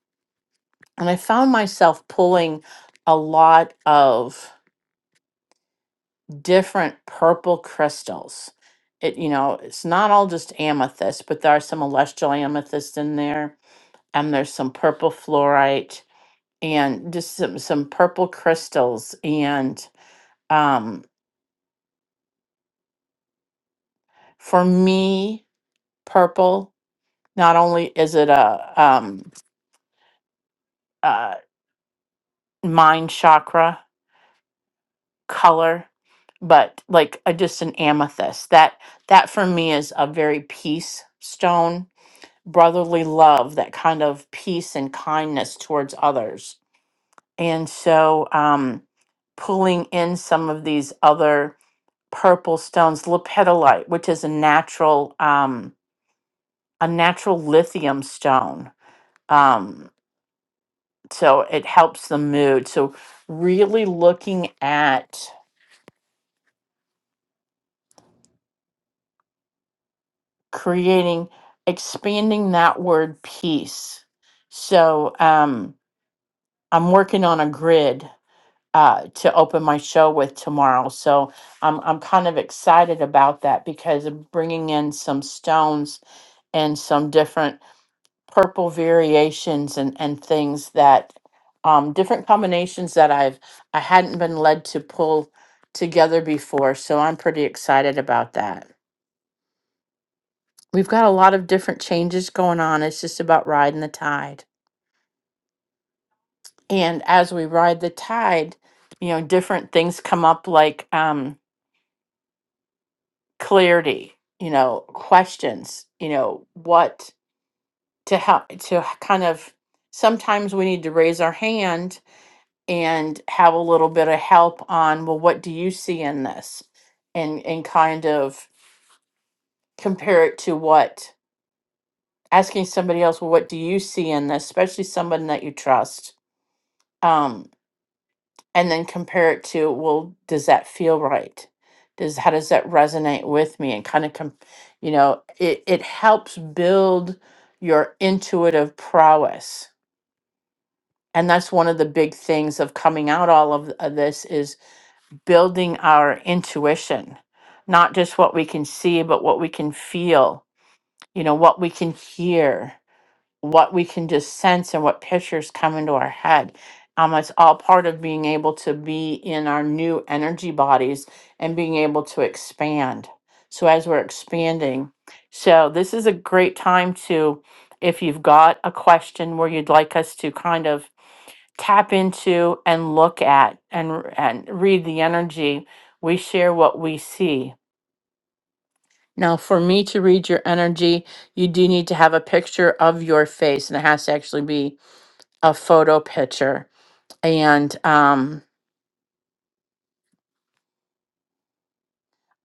[SPEAKER 1] And I found myself pulling a lot of different purple crystals. It you know it's not all just amethyst, but there are some celestial amethyst in there, and there's some purple fluorite and just some some purple crystals. And um, for me, purple Not only is it a um, uh, mind chakra color, but like a, just an amethyst. That that for me is a very peace stone, brotherly love, that kind of peace and kindness towards others. And so, um, pulling in some of these other purple stones, lepidolite, which is a natural um, a natural lithium stone. Um, so it helps the mood so really looking at creating expanding that word peace so um i'm working on a grid uh to open my show with tomorrow so i'm i'm kind of excited about that because i'm bringing in some stones and some different purple variations and and things that um different combinations that I've I hadn't been led to pull together before so I'm pretty excited about that. We've got a lot of different changes going on. It's just about riding the tide. And as we ride the tide, you know, different things come up like um clarity, you know, questions, you know, what to help to kind of sometimes we need to raise our hand and have a little bit of help on well what do you see in this and and kind of compare it to what asking somebody else well what do you see in this especially someone that you trust um and then compare it to well does that feel right does how does that resonate with me and kind of com- you know it it helps build your intuitive prowess and that's one of the big things of coming out all of of this is building our intuition, not just what we can see, but what we can feel, you know, what we can hear, what we can just sense, and what pictures come into our head. Um, it's all part of being able to be in our new energy bodies and being able to expand. So, as we're expanding, so this is a great time to, if you've got a question where you'd like us to kind of tap into and look at and and read the energy we share what we see now for me to read your energy you do need to have a picture of your face and it has to actually be a photo picture and um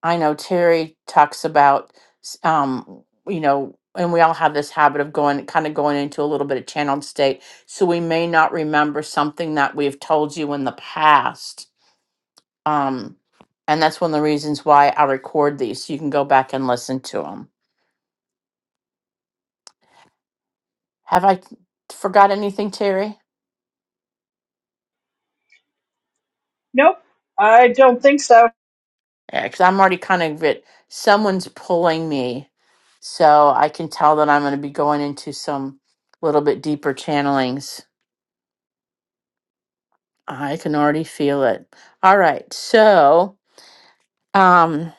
[SPEAKER 1] i know terry talks about s- um you know and we all have this habit of going kind of going into a little bit of channeled state so we may not remember something that we've told you in the past Um, and that's one of the reasons why I record these, so you can go back and listen to them. Have I forgot anything, Terry?
[SPEAKER 2] Nope, I don't think so.
[SPEAKER 1] Yeah, because I'm already kind of it. Someone's pulling me, so I can tell that I'm going to be going into some little bit deeper channelings. I can already feel it. All right, so um,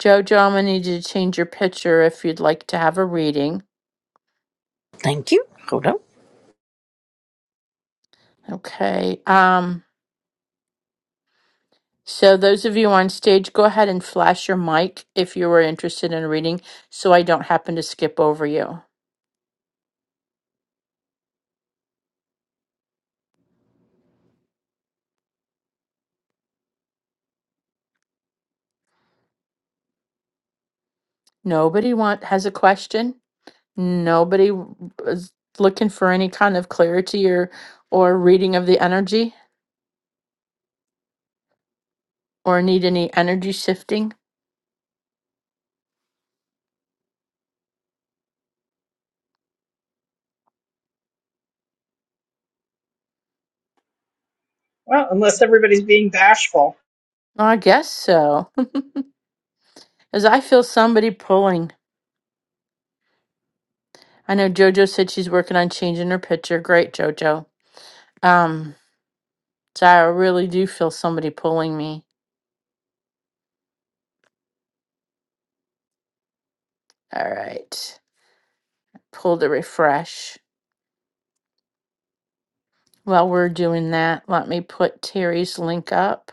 [SPEAKER 1] Jojo, I'm going to need you to change your picture if you'd like to have a reading.
[SPEAKER 5] Thank you. Hold on.
[SPEAKER 1] Okay. Um, So those of you on stage, go ahead and flash your mic if you were interested in reading, so I don't happen to skip over you. Nobody want has a question. Nobody w- is looking for any kind of clarity or or reading of the energy or need any energy shifting.
[SPEAKER 2] Well, unless everybody's being bashful.
[SPEAKER 1] Well, I guess so, as I feel somebody pulling. I know JoJo said she's working on changing her picture. Great, JoJo. Um, so I really do feel somebody pulling me. All right, pull to refresh. While we're doing that, let me put Terry's link up.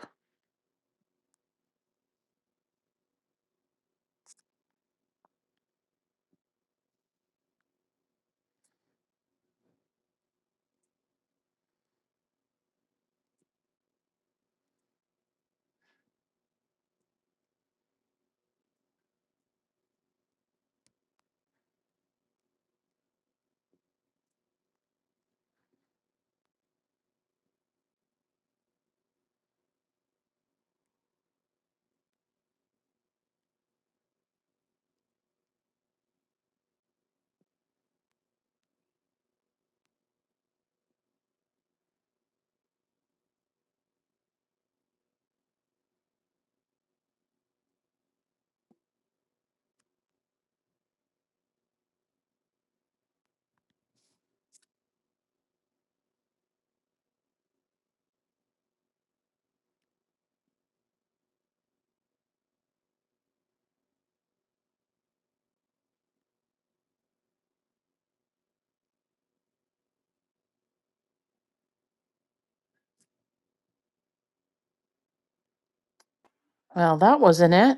[SPEAKER 1] Well, that wasn't it.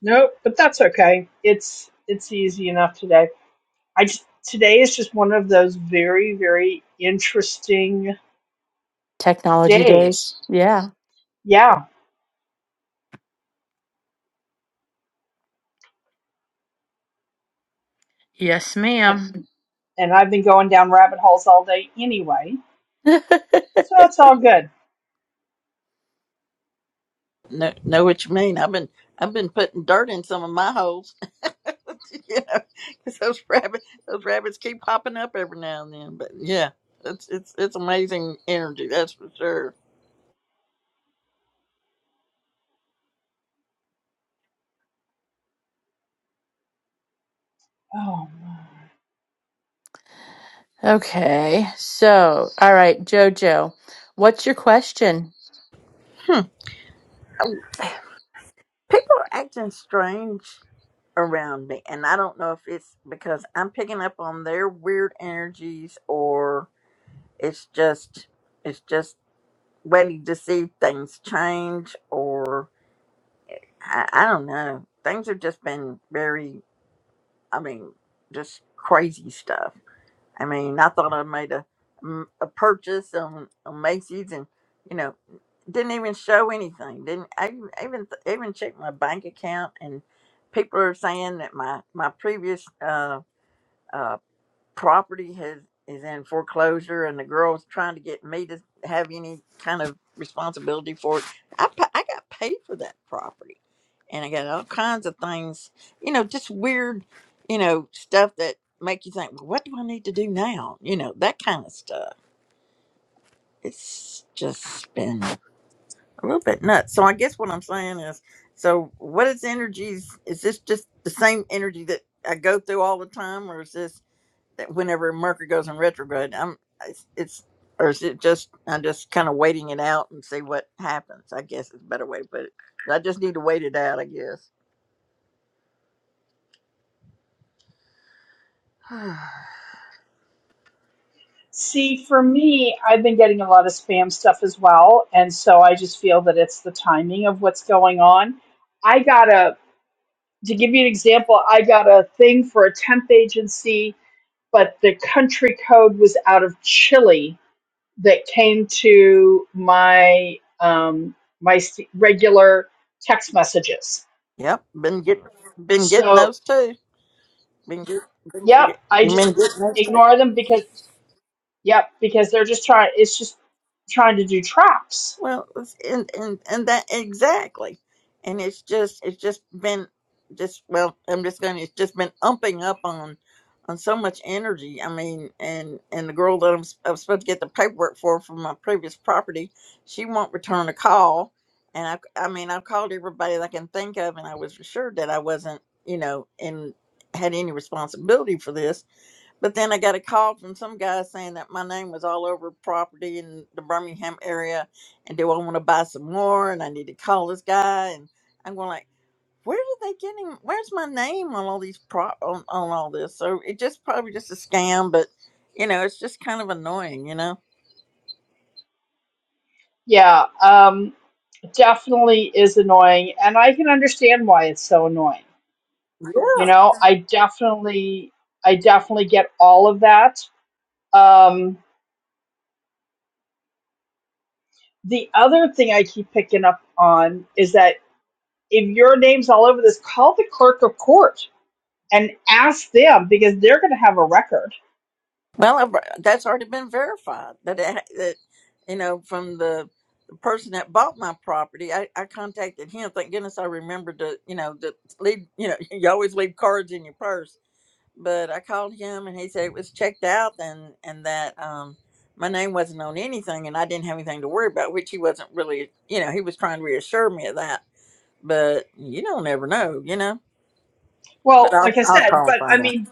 [SPEAKER 2] Nope, but that's okay. It's it's easy enough today. I just, today is just one of those very very interesting
[SPEAKER 1] Technology days.
[SPEAKER 2] days.
[SPEAKER 1] Yeah.
[SPEAKER 2] Yeah,
[SPEAKER 1] Yes,
[SPEAKER 2] and,
[SPEAKER 1] ma'am.
[SPEAKER 2] and I've been going down rabbit holes all day anyway, so it's all good.
[SPEAKER 5] Know know what you mean? I've been I've been putting dirt in some of my holes, you know, 'cause those rabbits those rabbits keep popping up every now and then. But yeah, it's it's it's amazing energy, that's for sure.
[SPEAKER 2] Oh, my.
[SPEAKER 1] okay. So, all right, Jojo, what's your question?
[SPEAKER 5] People are acting strange around me, and I don't know if it's because I'm picking up on their weird energies or it's just it's just waiting to see things change or I, I don't know. Things have just been very, I mean, just crazy stuff. I mean, I thought I made a, m- a purchase on, on Macy's and, you know, didn't even show anything. Didn't I even even even checked my bank account and people are saying that my my previous uh, uh, property has is in foreclosure and the girl's trying to get me to have any kind of responsibility for it i, pa- I got paid for that property and i got all kinds of things you know just weird you know stuff that make you think well, what do i need to do now you know that kind of stuff it's just been a little bit nuts so i guess what i'm saying is so what is energies is this just the same energy that i go through all the time or is this whenever Mercury goes in retrograde, I'm it's, it's or is it just I'm just kind of waiting it out and see what happens. I guess is a better way to put it. I just need to wait it out. I guess.
[SPEAKER 2] see, for me, I've been getting a lot of spam stuff as well, and so I just feel that it's the timing of what's going on. I got a to give you an example. I got a thing for a temp agency but the country code was out of Chile that came to my um, my regular text messages.
[SPEAKER 5] yep, been get been getting
[SPEAKER 2] So,
[SPEAKER 5] those too. Been get, been,
[SPEAKER 2] yep,
[SPEAKER 5] get,
[SPEAKER 2] I
[SPEAKER 5] been
[SPEAKER 2] just
[SPEAKER 5] getting those too.
[SPEAKER 2] ignore them because yep, because they're just trying. It's just trying to do traps.
[SPEAKER 5] Well, it's- and and and that exactly, and it's just it's just been just well, I'm just going. to It's just been umping up on on so much energy. I mean, and and the girl that I'm, s- I was supposed to get the paperwork for from my previous property, she won't return a call, and I I mean I've called everybody that I can think of, and I was assured that I wasn't you know and had any responsibility for this but then I got a call from some guy saying that my name was all over property in the Birmingham area, and do I want to buy some more? And I need to call this guy. And I'm going like, where did they get him? Where's my name on all these pro on, on all this? So it just probably just a scam, but you know, it's just kind of annoying, you know.
[SPEAKER 2] Yeah, um, definitely is annoying, and I can understand why it's so annoying. You know, I definitely, I definitely get all of that. Um, The other thing I keep picking up on is that if your name's all over this, call the clerk of court and ask them because they're going to have a record.
[SPEAKER 5] Well, I've- that's already been verified. That it, that you know from the, the person that bought my property, I, I contacted him. Thank goodness I remembered to you know to leave. You know, you always leave cards in your purse. But I called him and he said it was checked out and and that um my name wasn't on anything and I didn't have anything to worry about, which he wasn't really. You know, he was trying to reassure me of that. But you don't ever know, you know. But
[SPEAKER 2] Well,
[SPEAKER 5] I'll
[SPEAKER 2] like I
[SPEAKER 5] I'll
[SPEAKER 2] said,
[SPEAKER 5] call and
[SPEAKER 2] but I
[SPEAKER 5] find out.
[SPEAKER 2] mean,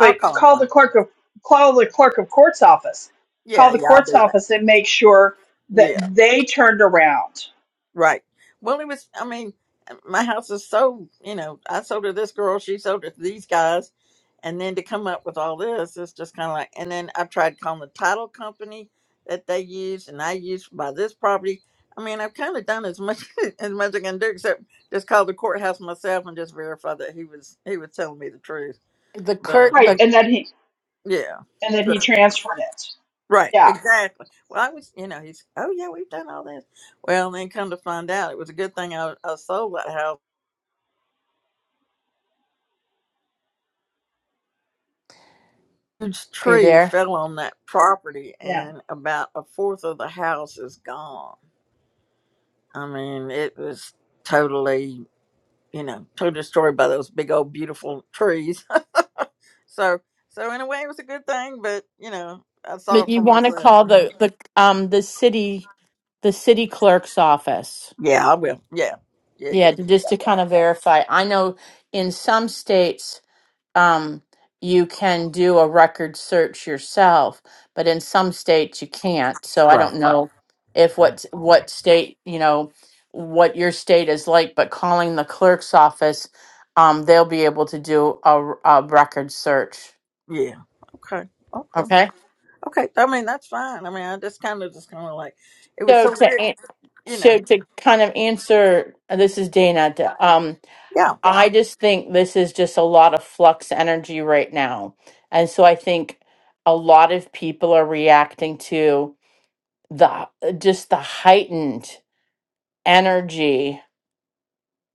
[SPEAKER 5] I'll call and
[SPEAKER 2] call
[SPEAKER 5] find
[SPEAKER 2] the
[SPEAKER 5] out.
[SPEAKER 2] clerk of call the clerk of court's office.
[SPEAKER 5] Yeah,
[SPEAKER 2] Call the
[SPEAKER 5] yeah, I'll
[SPEAKER 2] court's
[SPEAKER 5] do that.
[SPEAKER 2] office and make sure that
[SPEAKER 5] Yeah.
[SPEAKER 2] they turned around.
[SPEAKER 5] Right. Well, it was, I mean, my house is so, you know, I sold to this girl, she sold it to these guys. And then to come up with all this, it's just kind of like, and then I tried calling the title company that they use and I used to buy this property. I mean, I've kind of done as much as much I can do except just call the courthouse myself and just verify that he was he was telling me the truth.
[SPEAKER 1] The Kurt,
[SPEAKER 5] But
[SPEAKER 2] Right,
[SPEAKER 1] the
[SPEAKER 2] and then he
[SPEAKER 5] yeah.
[SPEAKER 2] and then he
[SPEAKER 5] Sure.
[SPEAKER 2] transferred it.
[SPEAKER 5] Right,
[SPEAKER 2] Yeah,
[SPEAKER 5] exactly. Well, I was, you know, he's, oh yeah, we've done all this. Well, then come to find out, it was a good thing I, I sold that house huge
[SPEAKER 1] are you
[SPEAKER 5] tree
[SPEAKER 1] there?
[SPEAKER 5] fell on that property
[SPEAKER 2] yeah.
[SPEAKER 5] and about a fourth of the house is gone. I mean, it was totally, you know, totally destroyed by those big old beautiful trees. so, so in a way, it was a good thing, but you know, I saw
[SPEAKER 1] But
[SPEAKER 5] it
[SPEAKER 1] you
[SPEAKER 5] for
[SPEAKER 1] want to
[SPEAKER 5] myself.
[SPEAKER 1] call
[SPEAKER 5] Mm-hmm.
[SPEAKER 1] the the um the city the city clerk's office.
[SPEAKER 5] Yeah, I will. Yeah, yeah, yeah.
[SPEAKER 1] Yeah, to- just to kind of verify. I know in some states um, you can do a record search yourself, but in some states you can't. So I don't
[SPEAKER 5] Right.
[SPEAKER 1] know if what what state you know what your state is like, but calling the clerk's office, um, they'll be able to do a, r- a record search.
[SPEAKER 5] Yeah. Okay. Okay.
[SPEAKER 1] Okay.
[SPEAKER 5] Okay. I mean, that's fine. I mean, I just kind of just kind of like it was
[SPEAKER 1] So
[SPEAKER 5] so
[SPEAKER 1] to
[SPEAKER 5] weird,
[SPEAKER 1] an-
[SPEAKER 5] you
[SPEAKER 1] so
[SPEAKER 5] know.
[SPEAKER 1] to kind of answer, this is Dana.
[SPEAKER 5] Yeah.
[SPEAKER 1] I just think this is just a lot of flux energy right now. And so I think a lot of people are reacting to the just the heightened energy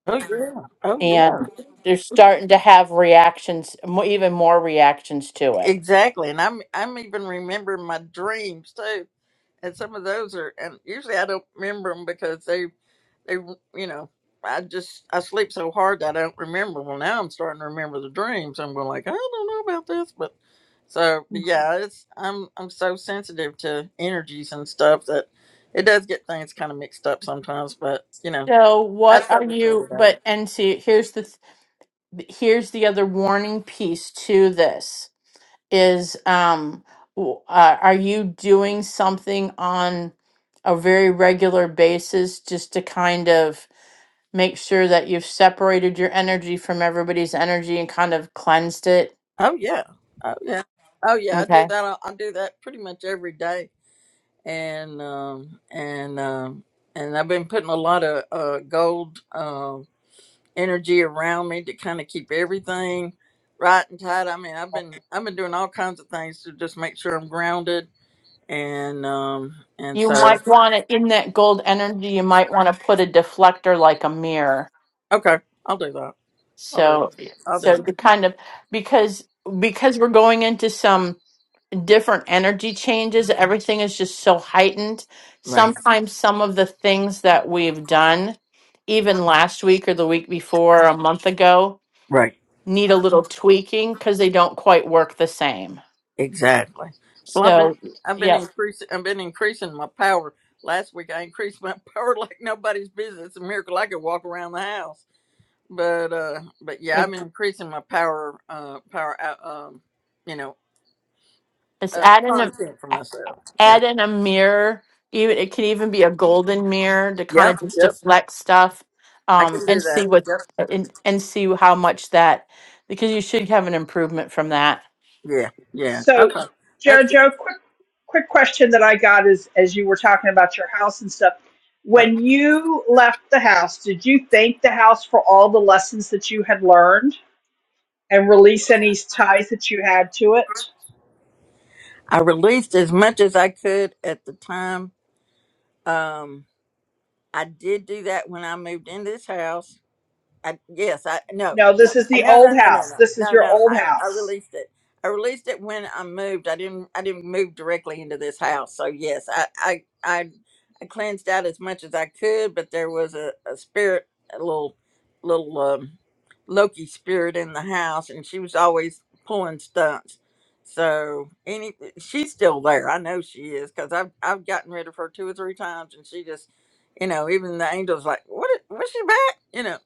[SPEAKER 5] Oh yeah. Oh yeah.
[SPEAKER 1] and they're starting to have reactions, mo- even more reactions to it.
[SPEAKER 5] Exactly, and I'm I'm even remembering my dreams too, and some of those are. And usually I don't remember them because they they you know I just I sleep so hard that I don't remember. Well, now I'm starting to remember the dreams. I'm going like I don't know about this, but so but yeah, it's I'm I'm so sensitive to energies and stuff that it does get things kind of mixed up sometimes. But you know
[SPEAKER 1] So
[SPEAKER 5] I
[SPEAKER 1] what are
[SPEAKER 5] try to sort
[SPEAKER 1] you
[SPEAKER 5] it out.
[SPEAKER 1] but and see here's the th- here's the other warning piece to this is um w- uh, are you doing something on a very regular basis just to kind of make sure that you've separated your energy from everybody's energy and kind of cleansed it
[SPEAKER 5] Oh yeah, oh yeah, oh yeah. I do
[SPEAKER 1] okay
[SPEAKER 5] that. I do that pretty much every day and um, and um, and I've been putting a lot of uh, gold um energy around me to kind of keep everything right and tight. I mean, I've been I've been doing all kinds of things to just make sure I'm grounded, and um, and
[SPEAKER 1] you
[SPEAKER 5] so
[SPEAKER 1] might want to in that gold energy you might want to put a deflector like a mirror
[SPEAKER 5] okay, I'll do that. I'll do
[SPEAKER 1] So,
[SPEAKER 5] I'll do
[SPEAKER 1] so
[SPEAKER 5] that.
[SPEAKER 1] the kind of because because we're going into some different energy changes, everything is just so heightened.
[SPEAKER 5] Right,
[SPEAKER 1] Sometimes some of the things that we've done, even last week or the week before, a month ago,
[SPEAKER 5] right,
[SPEAKER 1] need a little tweaking because they don't quite work the same.
[SPEAKER 5] exactly. Well, I've been
[SPEAKER 1] So,
[SPEAKER 5] I've been
[SPEAKER 1] yeah,
[SPEAKER 5] increasing I've been increasing my power. Last week I increased my power like nobody's business. It's a miracle I could walk around the house but uh but yeah
[SPEAKER 1] it-
[SPEAKER 5] i'm increasing my power uh power out um you know
[SPEAKER 1] it's
[SPEAKER 5] uh
[SPEAKER 1] adding them.
[SPEAKER 5] content for myself yeah
[SPEAKER 1] add in a mirror. Even it could even be a golden mirror to kind
[SPEAKER 5] yep
[SPEAKER 1] of just
[SPEAKER 5] yep
[SPEAKER 1] deflect stuff,
[SPEAKER 5] i
[SPEAKER 1] um,
[SPEAKER 5] can
[SPEAKER 1] and
[SPEAKER 5] do
[SPEAKER 1] see
[SPEAKER 5] that
[SPEAKER 1] what
[SPEAKER 5] yep
[SPEAKER 1] and, and see how much that because you should have an improvement from that.
[SPEAKER 5] yeah yeah
[SPEAKER 2] So,
[SPEAKER 5] okay that's good.
[SPEAKER 2] Jojo, quick quick question that I got is as you were talking about your house and stuff.
[SPEAKER 5] right
[SPEAKER 2] When you left the house, did you thank the house for all the lessons that you had learned and release any ties that you had to it?
[SPEAKER 5] i released as much as i could at the time um i did do that when i moved in this house I yes, I no,
[SPEAKER 2] No,
[SPEAKER 5] no,
[SPEAKER 2] this is
[SPEAKER 5] I-
[SPEAKER 2] the
[SPEAKER 5] no, no,
[SPEAKER 2] old
[SPEAKER 5] no, no,
[SPEAKER 2] house.
[SPEAKER 5] no,
[SPEAKER 2] This is
[SPEAKER 5] no,
[SPEAKER 2] your
[SPEAKER 5] no.
[SPEAKER 2] old
[SPEAKER 5] I, I
[SPEAKER 2] house.
[SPEAKER 5] released it. I released it when I moved. I didn't I didn't move directly into this house. So yes, I I I, I cleansed out as much as I could, but there was a, a spirit, a little little um, Loki spirit in the house, and she was always pulling stunts. So any she's still there. I know she is because I've I've gotten rid of her two or three times, and she just you know even the angels like what what's she back? You know.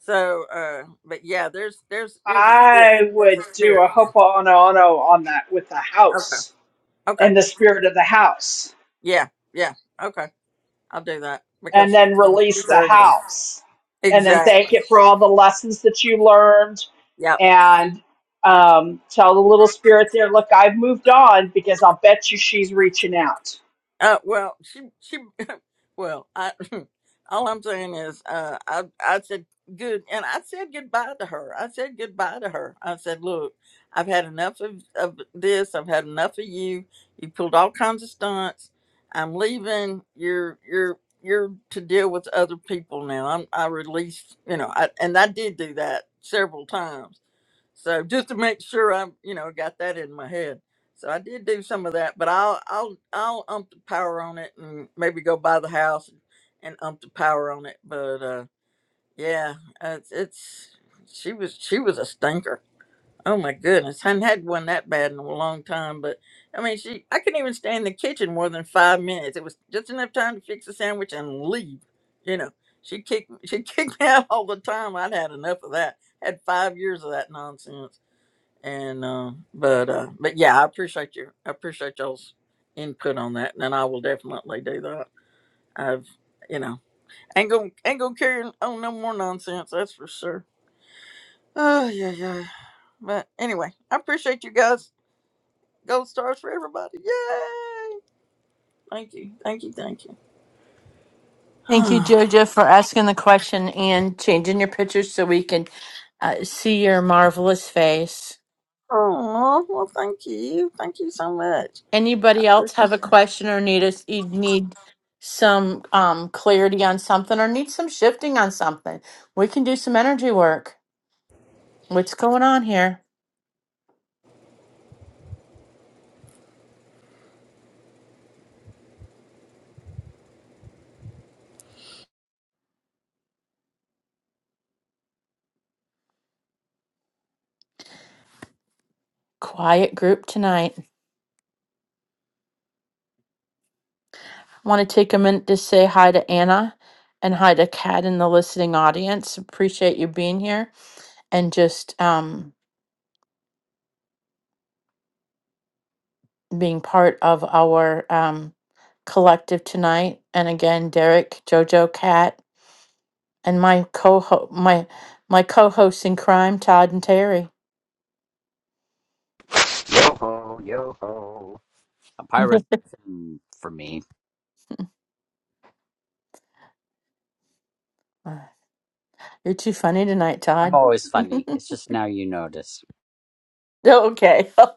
[SPEAKER 5] So, uh, but yeah, there's there's there's a spirit.
[SPEAKER 2] I
[SPEAKER 5] There's a
[SPEAKER 2] would do
[SPEAKER 5] spirit.
[SPEAKER 2] a hoponopono on that with the
[SPEAKER 5] Okay.
[SPEAKER 2] house
[SPEAKER 5] Okay.
[SPEAKER 2] and the spirit of the house.
[SPEAKER 5] Yeah. Yeah. Okay. I'll do that
[SPEAKER 2] and
[SPEAKER 5] because
[SPEAKER 2] then
[SPEAKER 5] she's
[SPEAKER 2] release the
[SPEAKER 5] ugly.
[SPEAKER 2] house and then
[SPEAKER 5] Exactly.
[SPEAKER 2] thank it for all the lessons that you learned
[SPEAKER 5] Yep.
[SPEAKER 2] and um, tell the little spirit there look i've moved on because i'll bet you she's reaching out
[SPEAKER 5] Uh, well, she, she, well, I, all I'm saying is, uh, I, I said good, and I said goodbye to her. I said goodbye to her. I said, look, I've had enough of, of this. I've had enough of you. You pulled all kinds of stunts. I'm leaving. You're, you're, you're to deal with other people now. I'm, I released, you know, I, and I did do that several times so just to make sure I'm, you know, got that in my head. So I did do some of that, but I'll I'll I'll ump the power on it and maybe go buy the house and ump the power on it. But uh yeah, it's, it's she was she was a stinker. Oh my goodness, I hadn't had one that bad in a long time. But I mean, she I couldn't even stay in the kitchen more than five minutes. It was just enough time to fix a sandwich and leave. You know, she kicked she kicked me out all the time. I'd had enough of that. Had five years of that nonsense and uh, but uh, but yeah, I appreciate you. I appreciate y'all's input on that, and I will definitely do that. I've you know ain't gonna ain't gonna carry on no more nonsense. That's for sure. Oh yeah yeah. But anyway, I appreciate you guys. Gold stars for everybody. Yay! Thank you, thank you, thank you.
[SPEAKER 1] Thank you,
[SPEAKER 5] oh
[SPEAKER 1] Jojo, for asking the question and changing your picture so we can uh, see your marvelous face.
[SPEAKER 5] well, thank you, thank you so much.
[SPEAKER 1] Anybody else have a question or need us you need some um, clarity on something or need some shifting on something? We can do some energy work. What's going on here? Quiet group tonight. I want to take a minute to say hi to Anna and hi to Kat in the listening audience. Appreciate you being here and just um, being part of our um, collective tonight. And again, Derek, Jojo, Cat, and my co ho my my co hosts in crime, Todd and Terry.
[SPEAKER 3] yo ho yo ho a pirate thing for me
[SPEAKER 1] You're too funny tonight,
[SPEAKER 3] i'm
[SPEAKER 1] Todd.
[SPEAKER 3] always funny it's just now you notice
[SPEAKER 1] okay.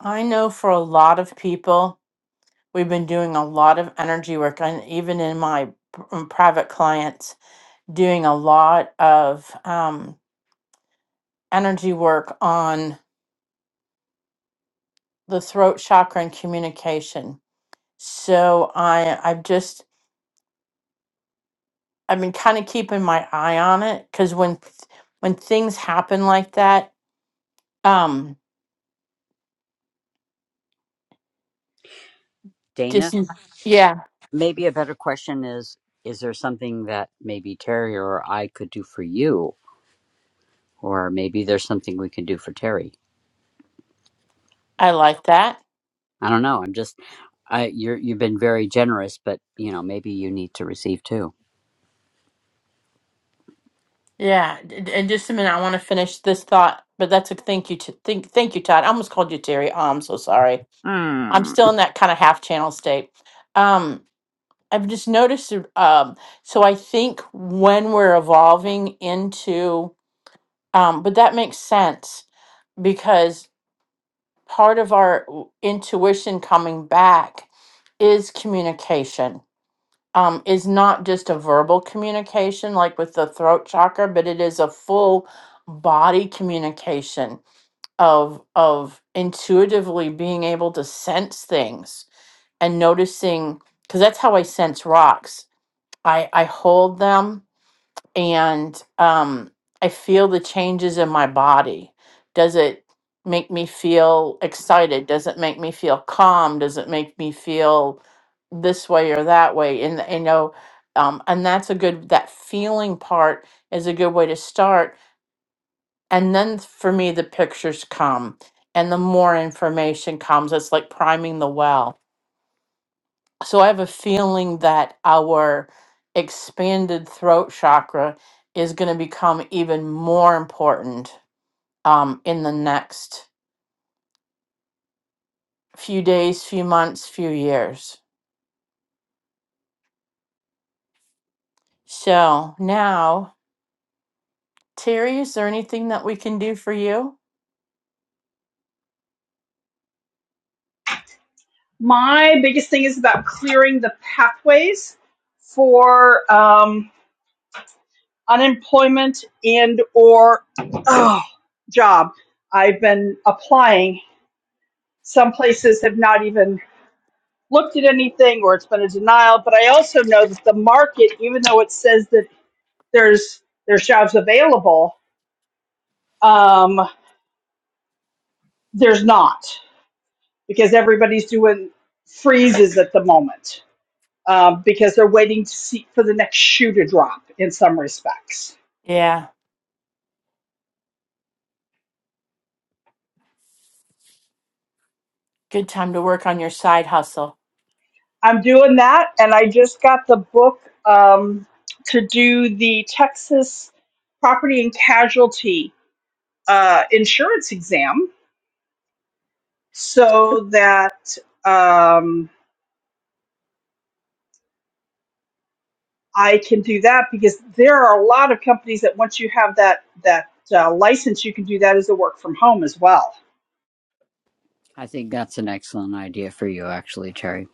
[SPEAKER 1] I know for a lot of people, we've been doing a lot of energy work, and even in my p- um, private clients, doing a lot of um, energy work on the throat chakra and communication So I I've just I've been kind of keeping my eye on it because when th- when things happen like that, um,
[SPEAKER 3] dana
[SPEAKER 1] just Mm. yeah,
[SPEAKER 3] Maybe a better question is Is there something that maybe Terry or I could do for you? Or maybe there's something we can do for Terry.
[SPEAKER 1] I like that.
[SPEAKER 3] I don't know. I'm just, I, you're, you've been very generous, but you know, maybe you need to receive too.
[SPEAKER 1] Yeah, d- d- and just a minute, I want to finish this thought, but that's a thank you to thank thank you, Todd. I almost called you Terry. Oh, I'm so sorry. I'm
[SPEAKER 3] Hmm.
[SPEAKER 1] still in that kind of half channel state. Um, I've just noticed. Um, so I think when we're evolving into, um, but that makes sense because. part of our intuition coming back is communication um, is not just a verbal communication like with the throat chakra but it is a full body communication of of intuitively being able to sense things and noticing because that's how i sense rocks i i hold them and um, I feel the changes in my body. Does it make me feel excited? Does it make me feel calm? Does it make me feel this way or that way? And you know, um, and that's a good that feeling part is a good way to start. And then for me, the pictures come, and the more information comes. It's like priming the well so I have a feeling that our expanded throat chakra is going to become even more important um, in the next few days, few months, few years. So now, Terry, is there anything that we can do for you?
[SPEAKER 2] my biggest thing is about clearing the pathways for um, unemployment and or oh, job i've been applying some places have not even looked at anything or it's been a denial. But I also know that the market, even though it says that there's there's jobs available, um, there's not because everybody's doing freezes at the moment um, because they're waiting to see for the next shoe to drop. In some respects,
[SPEAKER 1] Yeah, good time to work on your side hustle.
[SPEAKER 2] I'm doing that, and I just got the book um, to do the Texas property and casualty uh, insurance exam so that. Um, I can do that because there are a lot of companies that once you have that that uh, license, you can do that as a work from home as well.
[SPEAKER 3] I think that's an excellent idea for you, actually, Terry.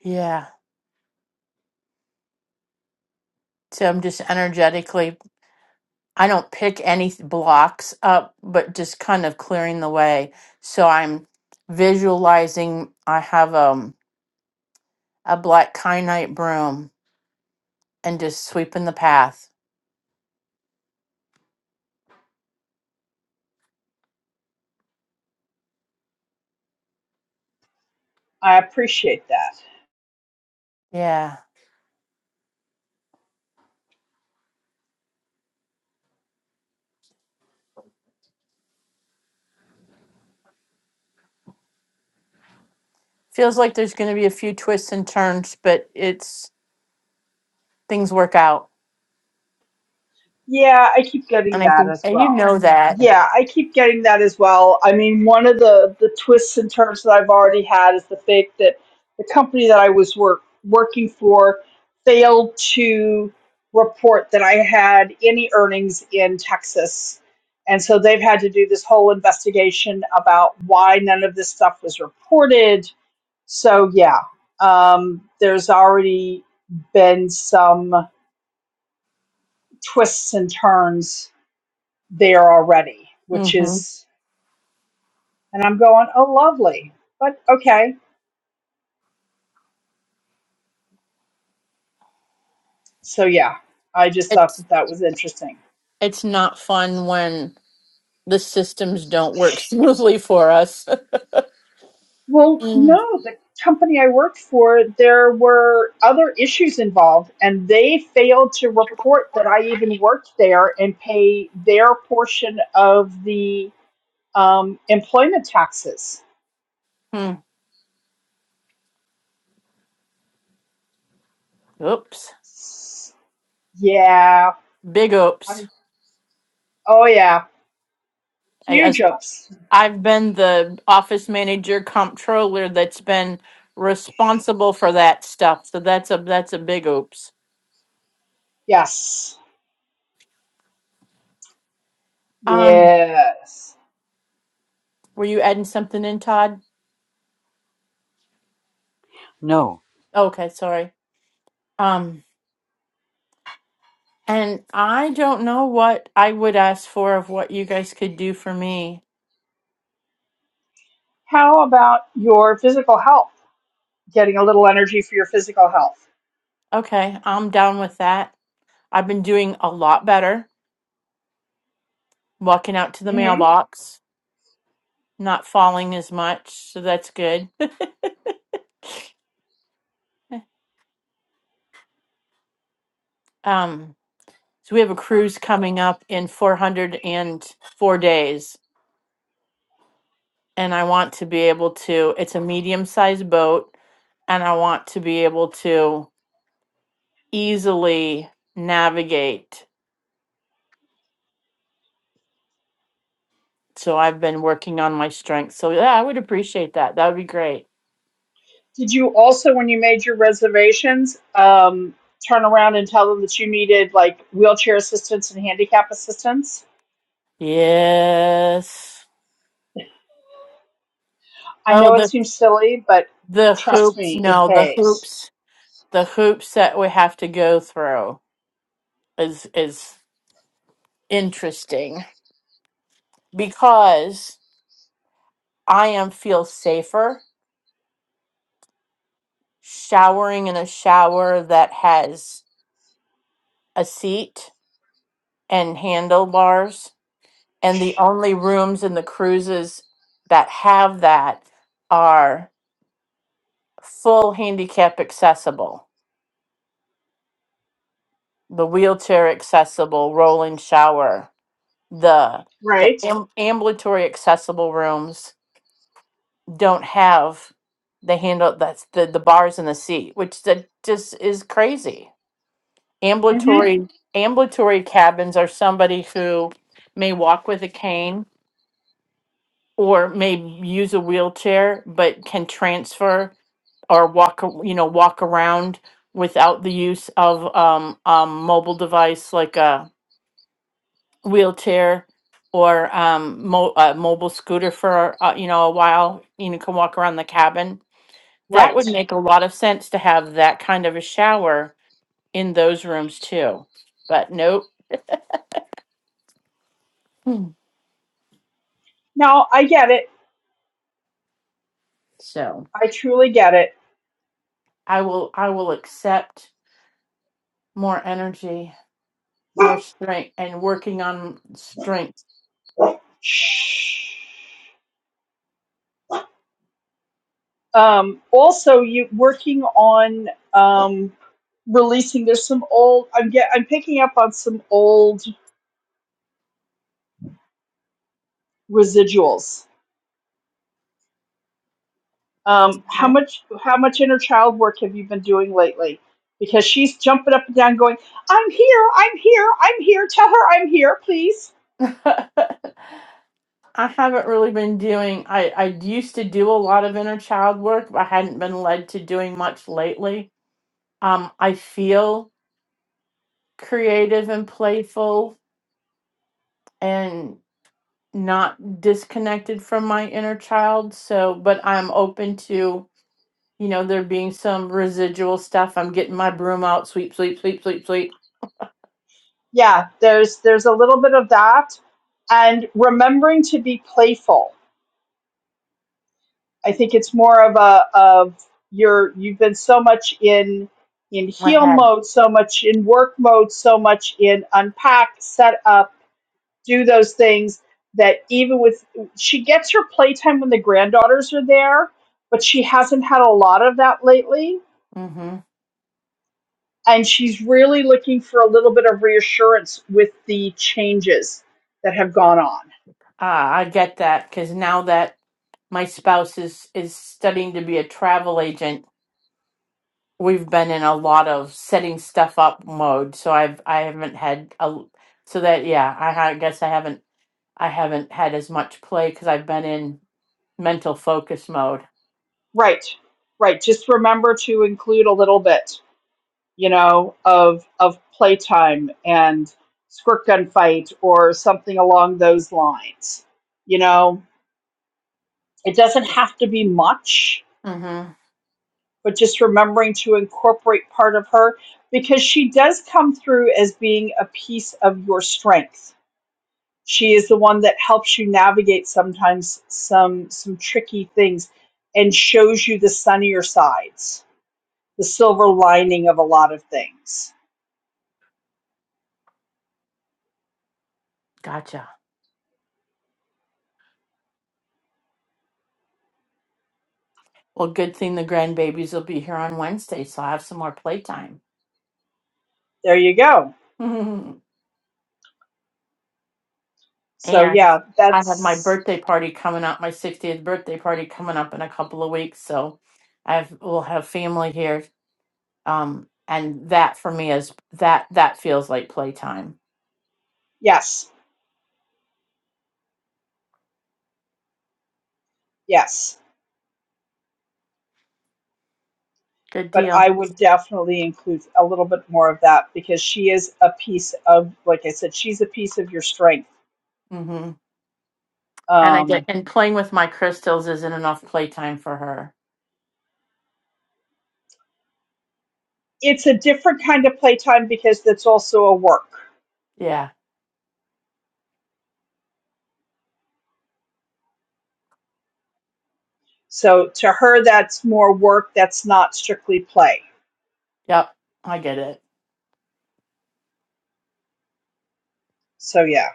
[SPEAKER 1] Yeah. So I'm just energetically, I don't pick any th- blocks up, but just kind of clearing the way. So I'm visualizing, I have, um, a black kyanite broom and just sweeping the path.
[SPEAKER 2] I appreciate that.
[SPEAKER 1] Yeah. Feels like there's going to be a few twists and turns, but it's things work out.
[SPEAKER 2] Yeah, I keep getting
[SPEAKER 1] And I
[SPEAKER 2] that
[SPEAKER 1] think,
[SPEAKER 2] as
[SPEAKER 1] and you
[SPEAKER 2] well.
[SPEAKER 1] know that.
[SPEAKER 2] Yeah, I keep getting that as well. I mean, one of the the twists and turns that I've already had is the fact that the company that I was work working for failed to report that I had any earnings in Texas. And so they've had to do this whole investigation about why none of this stuff was reported. So yeah, um, there's already been some twists and turns there already, which
[SPEAKER 1] hmm
[SPEAKER 2] is, and I'm going, oh, lovely. But okay. So, yeah, I just thought
[SPEAKER 1] It's,
[SPEAKER 2] that that was interesting.
[SPEAKER 1] it's not fun when the systems don't work smoothly for us.
[SPEAKER 2] Well, no, the company I worked for, there were other issues involved, and they failed to report that I even worked there and pay their portion of the um, employment taxes.
[SPEAKER 1] Mhm. Oops.
[SPEAKER 2] Yeah.
[SPEAKER 1] Big oops.
[SPEAKER 2] I'm- oh, yeah.
[SPEAKER 1] I
[SPEAKER 2] Huge
[SPEAKER 1] guess
[SPEAKER 2] ups.
[SPEAKER 1] I've been the office manager comptroller that's been responsible for that stuff. So that's a, that's a big oops.
[SPEAKER 2] Yes.
[SPEAKER 1] Um,
[SPEAKER 2] Yes.
[SPEAKER 1] Were you adding something in, Todd?
[SPEAKER 3] No,
[SPEAKER 1] Okay, sorry. Um, and I don't know what I would ask for of what you guys could do for me.
[SPEAKER 2] How about your physical health? Getting a little energy for your physical health.
[SPEAKER 1] Okay, I'm down with that. I've been doing a lot better, walking out to the
[SPEAKER 2] hmm
[SPEAKER 1] mailbox, not falling as much, so that's good. Um, so we have a cruise coming up in 404 days, and I want to be able to, it's a medium sized boat, and I want to be able to easily navigate. So I've been working on my strengths. So yeah, I would appreciate that. That would be great.
[SPEAKER 2] Did you also, when you made your reservations, um, turn around and tell them that you needed like wheelchair assistance and handicap assistance?
[SPEAKER 1] Yes.
[SPEAKER 2] I
[SPEAKER 1] Oh,
[SPEAKER 2] know it
[SPEAKER 1] the
[SPEAKER 2] seems silly, but
[SPEAKER 1] the
[SPEAKER 2] trust
[SPEAKER 1] hoops.
[SPEAKER 2] me, it
[SPEAKER 1] No, the
[SPEAKER 2] pays.
[SPEAKER 1] hoops. The hoops that we have to go through is is interesting because I am feel safer showering in a shower that has a seat and handlebars And the only rooms in the cruises that have that are full handicap accessible, the wheelchair accessible, rolling shower, the the
[SPEAKER 2] Right?
[SPEAKER 1] am- ambulatory accessible rooms don't have the handle that's the the bars in the seat, which that just is crazy.
[SPEAKER 2] hmm
[SPEAKER 1] Ambulatory ambulatory cabins are somebody who may walk with a cane or may use a wheelchair but can transfer or walk a- you know walk around without the use of um, um mobile device like a wheelchair or um mo- a mobile scooter for uh, you know a while you know can walk around the cabin that
[SPEAKER 2] Right.
[SPEAKER 1] would make a lot of sense to have that kind of a shower in those rooms too but nope Hmm.
[SPEAKER 2] Now, I get it.
[SPEAKER 1] so
[SPEAKER 2] I truly get it.
[SPEAKER 1] i will i will accept more energy more strength and working on strength
[SPEAKER 2] Shh. um, also you working on um, releasing there's some old i'm get i'm picking up on some old residuals um, how much how much inner child work have you been doing lately because she's jumping up and down going i'm here i'm here i'm here tell her i'm here please
[SPEAKER 1] Okay. I haven't really been doing I I used to do a lot of inner child work, but I hadn't been led to doing much lately. Um I feel creative and playful and not disconnected from my inner child, so but I'm open to, you know, there being some residual stuff. I'm getting my broom out, sweep, sweep, sweep, sweep, sweep.
[SPEAKER 2] yeah there's there's a little bit of that and remembering to be playful I think it's more of a of your you've been so much in in
[SPEAKER 1] My
[SPEAKER 2] heal
[SPEAKER 1] head.
[SPEAKER 2] mode, so much in work mode, so much in unpack, set up, do those things that even with she gets her playtime when the granddaughters are there, but she hasn't had a lot of that lately.
[SPEAKER 1] mm Mhm.
[SPEAKER 2] And she's really looking for a little bit of reassurance with the changes that have gone on.
[SPEAKER 1] Ah, I get that cuz now that my spouse is is studying to be a travel agent we've been in a lot of setting stuff up mode so i've i haven't had a so that yeah i, ha- guess i haven't i haven't had as much play because i've been in mental focus mode
[SPEAKER 2] Right. Right. Just remember to include a little bit. you know, of of playtime and squirt gun fight or something along those lines. You know, it doesn't have to be much,
[SPEAKER 1] mm-hmm
[SPEAKER 2] but just remembering to incorporate part of her because she does come through as being a piece of your strength. She is the one that helps you navigate sometimes some some tricky things and shows you the sunnier sides, the silver lining of a lot of things.
[SPEAKER 1] gotcha well good thing the grandbabies will be here on wednesday so i have some more playtime
[SPEAKER 2] There you go
[SPEAKER 1] and
[SPEAKER 2] So
[SPEAKER 1] i
[SPEAKER 2] yeah,
[SPEAKER 1] have my
[SPEAKER 2] that's
[SPEAKER 1] birthday party coming up my 60th birthday party coming up in a couple of weeks so i have will have family here um and that for me is that that feels like playtime
[SPEAKER 2] yes, yes.
[SPEAKER 1] Good
[SPEAKER 2] But
[SPEAKER 1] deal.
[SPEAKER 2] I would definitely include a little bit more of that because she is a piece of, like I said, she's a piece of your strength.
[SPEAKER 1] hmm And I get
[SPEAKER 2] Um,
[SPEAKER 1] and playing with my crystals isn't enough playtime for her.
[SPEAKER 2] it's a different kind of playtime because that's also a work.
[SPEAKER 1] Yeah.
[SPEAKER 2] So to her, that's more work. That's not strictly play.
[SPEAKER 1] Yep. I get it.
[SPEAKER 2] So yeah.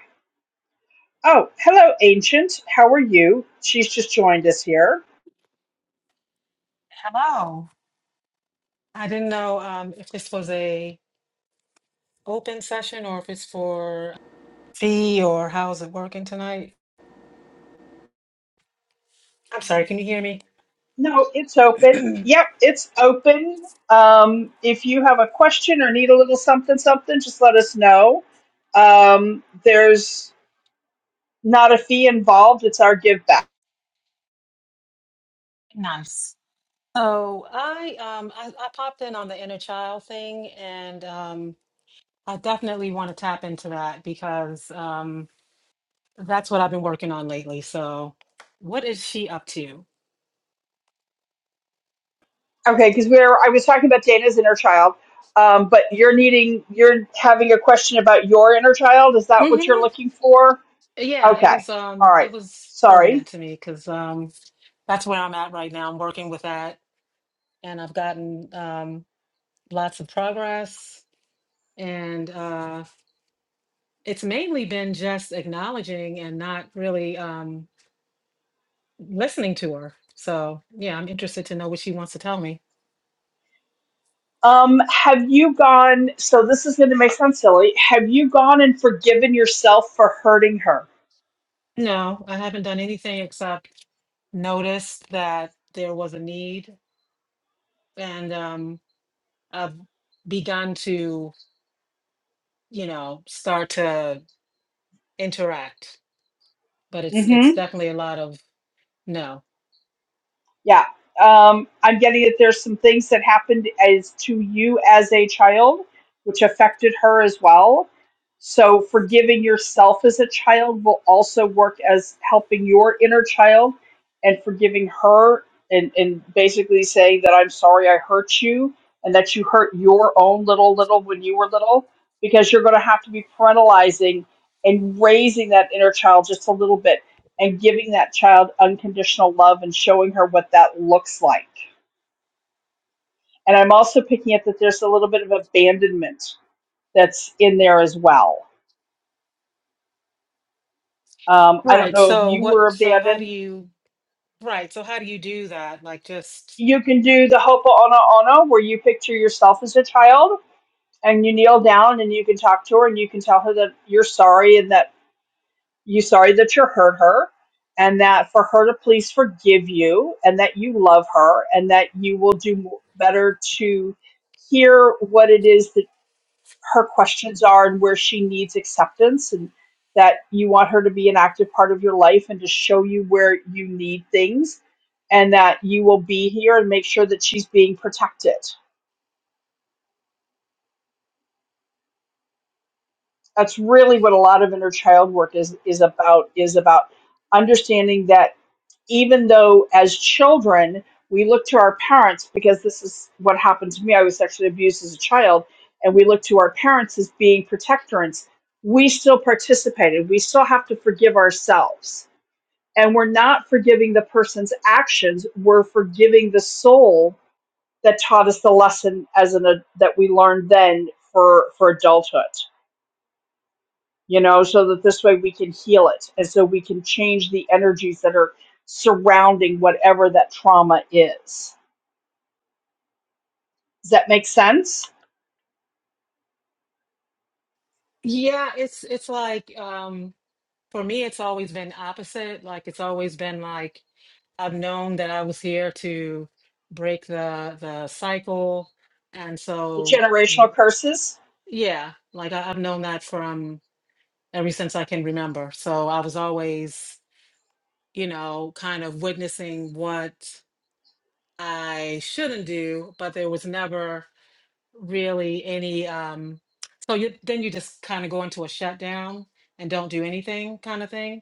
[SPEAKER 2] Oh, hello, Ancient. How are you? She's just joined us here.
[SPEAKER 7] Hello. I didn't know um, if this was a open session or if it's for fee or how's it working tonight? I'm sorry, can you hear me?
[SPEAKER 2] No, it's open. Yep, it's open. Um, if you have a question or need a little something, something, just let us know. Um, there's not a fee involved. It's our give back.
[SPEAKER 7] Nice. Oh, I um I, I popped in on the inner child thing and um I definitely want to tap into that because um that's what I've been working on lately. So what is she up to?
[SPEAKER 2] Okay, because we're I was talking about Dana's inner child, um, but you're needing you're having a question about your inner child. Is that what you're
[SPEAKER 7] hmm
[SPEAKER 2] looking for?
[SPEAKER 7] Yeah, it
[SPEAKER 2] Okay,
[SPEAKER 7] was
[SPEAKER 2] all
[SPEAKER 7] um it
[SPEAKER 2] right.
[SPEAKER 7] was
[SPEAKER 2] Sorry.
[SPEAKER 7] pertinent to me because um that's where I'm at right now. I'm working with that and I've gotten um, lots of progress. And uh, it's mainly been just acknowledging and not really um, listening to her. So, yeah, I'm interested to know what she wants to tell me.
[SPEAKER 2] Um, have you gone? So this is going to make sound silly. Have you gone and forgiven yourself for hurting her?
[SPEAKER 7] No, I haven't done anything except notice that there was a need. And um, I've begun to, you know, start to interact. But it's it's definitely a lot of no.
[SPEAKER 2] Yeah. Um, I'm getting that there's some things that happened as to you as a child, which affected her as well. So forgiving yourself as a child will also work as helping your inner child and forgiving her and, and basically saying that I'm sorry I hurt you and that you hurt your own little little when you were little, because you're gonna have to be parentalizing and raising that inner child just a little bit and giving that child unconditional love and showing her what that looks like. And I'm also picking up that there's a little bit of abandonment that's in there as well. Um, I don't
[SPEAKER 7] Right.
[SPEAKER 2] know if
[SPEAKER 7] So
[SPEAKER 2] you
[SPEAKER 7] what
[SPEAKER 2] were
[SPEAKER 7] so how do
[SPEAKER 2] abandoned.
[SPEAKER 7] you Right. So how do you do that? Like just
[SPEAKER 2] You can do the Hopo'ono'ono, where you picture yourself as a child and you kneel down and you can talk to her and you can tell her that you're sorry and that you're sorry that you hurt her and that for her to please forgive you and that you love her and that you will do better to hear what it is that. her questions are and where she needs acceptance and that you want her to be an active part of your life and to show you where you need things and that you will be here and make sure that she's being protected that's really what a lot of inner child work is is about is about understanding that even though as children we look to our parents because this is what happened to me i was sexually abused as a child and we look to our parents as being protectorants we still participated we still have to forgive ourselves and we're not forgiving the person's actions we're forgiving the soul that taught us the lesson as an that we learned then for for adulthood you know, so that this way we can heal it. And so we can change the energies that are surrounding whatever that trauma is. Does that make sense?
[SPEAKER 7] yeah, it's it's like um for me it's always been opposite. Like it's always been like I've known that I was here to break the the cycle. And
[SPEAKER 2] The
[SPEAKER 7] so
[SPEAKER 2] generational curses?
[SPEAKER 7] yeah, like I, I've known that from ever since I can remember. So I was always, you know, kind of witnessing what I shouldn't do, but there was never really any um so you then you just kind of go into a shutdown and don't do anything kind of thing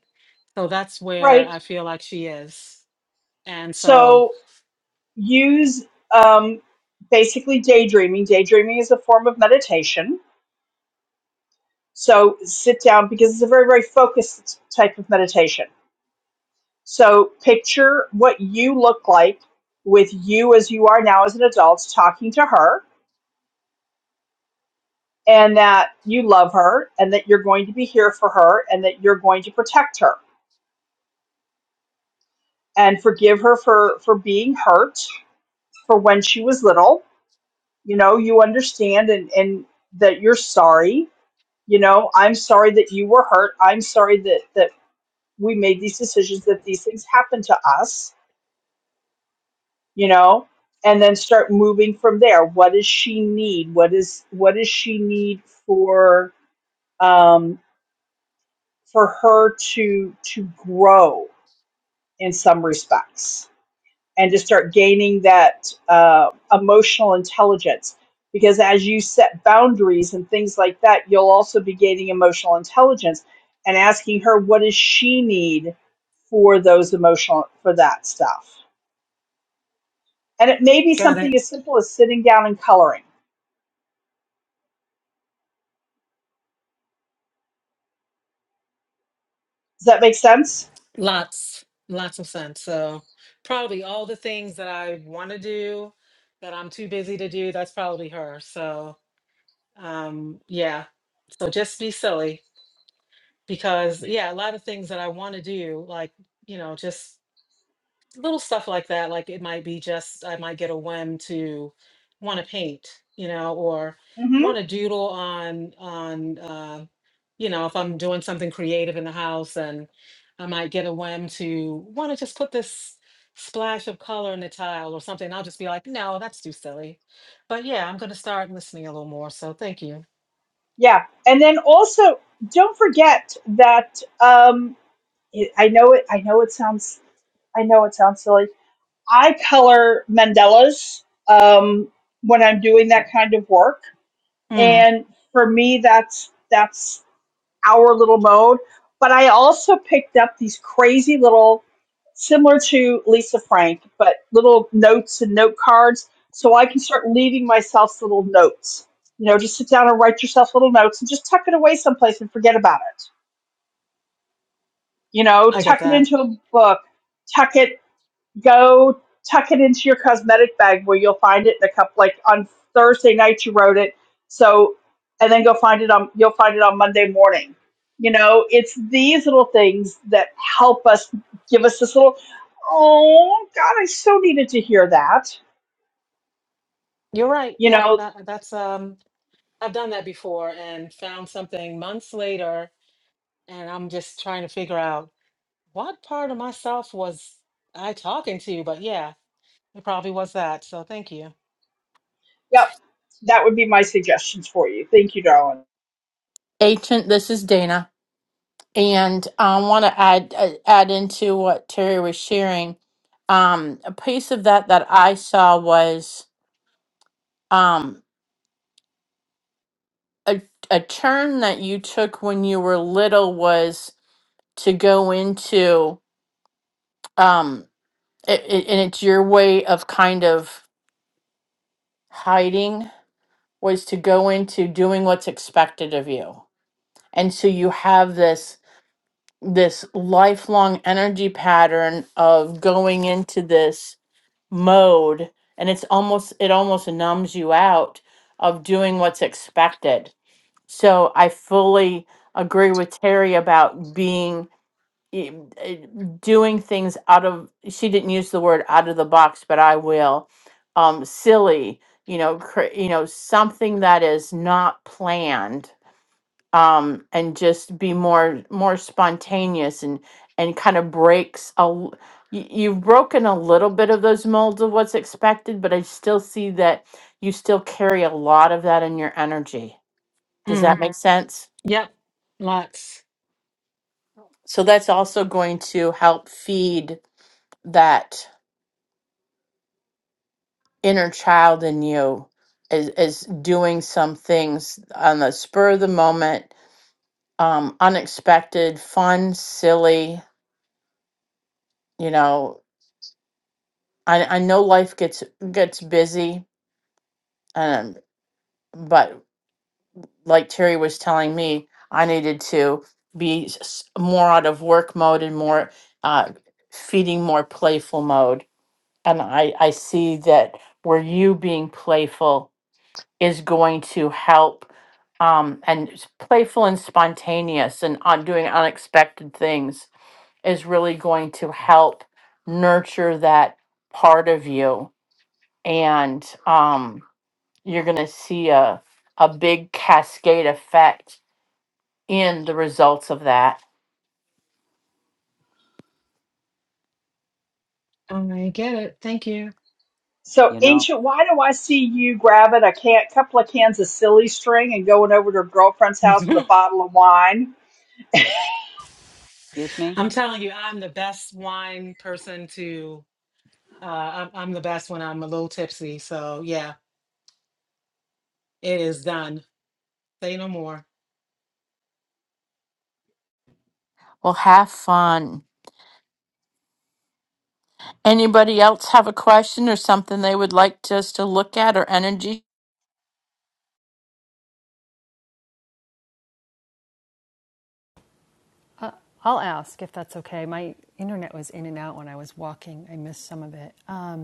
[SPEAKER 7] so that's where
[SPEAKER 2] Right.
[SPEAKER 7] i feel like she is and so
[SPEAKER 2] So use um, basically daydreaming. Daydreaming is a form of meditation. So sit down because it's a very, very focused type of meditation. So picture what you look like with you as you are now as an adult talking to her and that you love her and that you're going to be here for her and that you're going to protect her and forgive her for for being hurt for when she was little you know you understand and and that you're sorry you know i'm sorry that you were hurt i'm sorry that that we made these decisions that these things happened to us you know and then start moving from there what does she need what is what does she need for um for her to to grow in some respects and to start gaining that uh, emotional intelligence. Because as you set boundaries and things like that, you'll also be gaining emotional intelligence and asking her what does she need for those emotional for that stuff. And it may be
[SPEAKER 7] Got
[SPEAKER 2] something
[SPEAKER 7] it.
[SPEAKER 2] as simple as sitting down and coloring. Does that make sense?
[SPEAKER 7] lots lots of sense so probably all the things that i want to do that i'm too busy to do that's probably her so um yeah so just be silly because yeah a lot of things that i want to do like you know just little stuff like that. Like it might be just I might get a whim to want to paint, you know, or
[SPEAKER 2] hmm
[SPEAKER 7] want to doodle on on uh, you know if I'm doing something creative in the house, and I might get a whim to want to just put this splash of color in the tile or something. I'll just be like, no, that's too silly. But yeah, I'm going to start listening a little more. So thank you.
[SPEAKER 2] Yeah. And then also, don't forget that um, it, I know it. I know it sounds. I know it sounds silly I color mandalas um, when I'm doing that kind of work,
[SPEAKER 7] Mm,
[SPEAKER 2] and for me, that's that's our little mode. But I also picked up these crazy little, similar to Lisa Frank, but little notes and note cards, so I can start leaving myself little notes. You know, just sit down and write yourself little notes, and just tuck it away someplace and forget about it. You know,
[SPEAKER 7] I get
[SPEAKER 2] tuck it
[SPEAKER 7] that.
[SPEAKER 2] into a book, tuck it go tuck it into your cosmetic bag where you'll find it in a couple like on Thursday night you wrote it. So and then go find it on you'll find it on Monday morning. You know, it's these little things that help us give us this little oh God, I so needed to hear that.
[SPEAKER 7] You're right.
[SPEAKER 2] You
[SPEAKER 7] Yep.
[SPEAKER 2] know,
[SPEAKER 7] That that's um. I've done that before and found something months later and I'm just trying to figure out what part of myself was I talking to, but yeah, it probably was that. So thank you.
[SPEAKER 2] yep, that would be my suggestions for you. Thank you, darling.
[SPEAKER 1] Ancient. This is Dana, and I want to add uh, add into what Terry was sharing. Um, a piece of that that I saw was um a a turn that you took when you were little was to go into um it, it, and it's your way of kind of hiding was to go into doing what's expected of you. And so you have this this lifelong energy pattern of going into this mode and it's almost it almost numbs you out of doing what's expected. So I fully agree with Terry about being i- i- doing things out of she didn't use the word out of the box but i will um silly you know cra- you know something that is not planned um and just be more more spontaneous and and kind of breaks a l- y- you've broken a little bit of those molds of what's expected but i still see that you still carry a lot of that in your energy does that
[SPEAKER 7] Mm,
[SPEAKER 1] make Mhm. sense
[SPEAKER 7] yep, lots.
[SPEAKER 1] so that's also going to help feed that inner child in you is is doing some things on the spur of the moment um unexpected fun silly you know i i know life gets gets busy um but like terry was telling me i needed to be s- s- more out of work mode and more uh feeding more playful mode and i i see that where you being playful is going to help um, and s- playful and spontaneous and on doing unexpected things is really going to help nurture that part of you and um, you're going to see a, a big cascade effect in the results of that
[SPEAKER 7] I get it. Thank you.
[SPEAKER 2] So
[SPEAKER 3] you know,
[SPEAKER 2] ancient, why do I see you grabbing a can couple of cans of silly string and going over to a girlfriend's house with a
[SPEAKER 7] I'm
[SPEAKER 2] bottle of wine?
[SPEAKER 3] excuse me?
[SPEAKER 7] telling you, I'm the best wine person to. Uh, I'm, I'm the best when I'm a little tipsy. So yeah, it is done. Say no more.
[SPEAKER 1] well have fun anybody else have a question or something they would like just to look at or energy
[SPEAKER 6] I'll ask if that's okay. My internet was in and out when I was walking. I missed some of it. Um,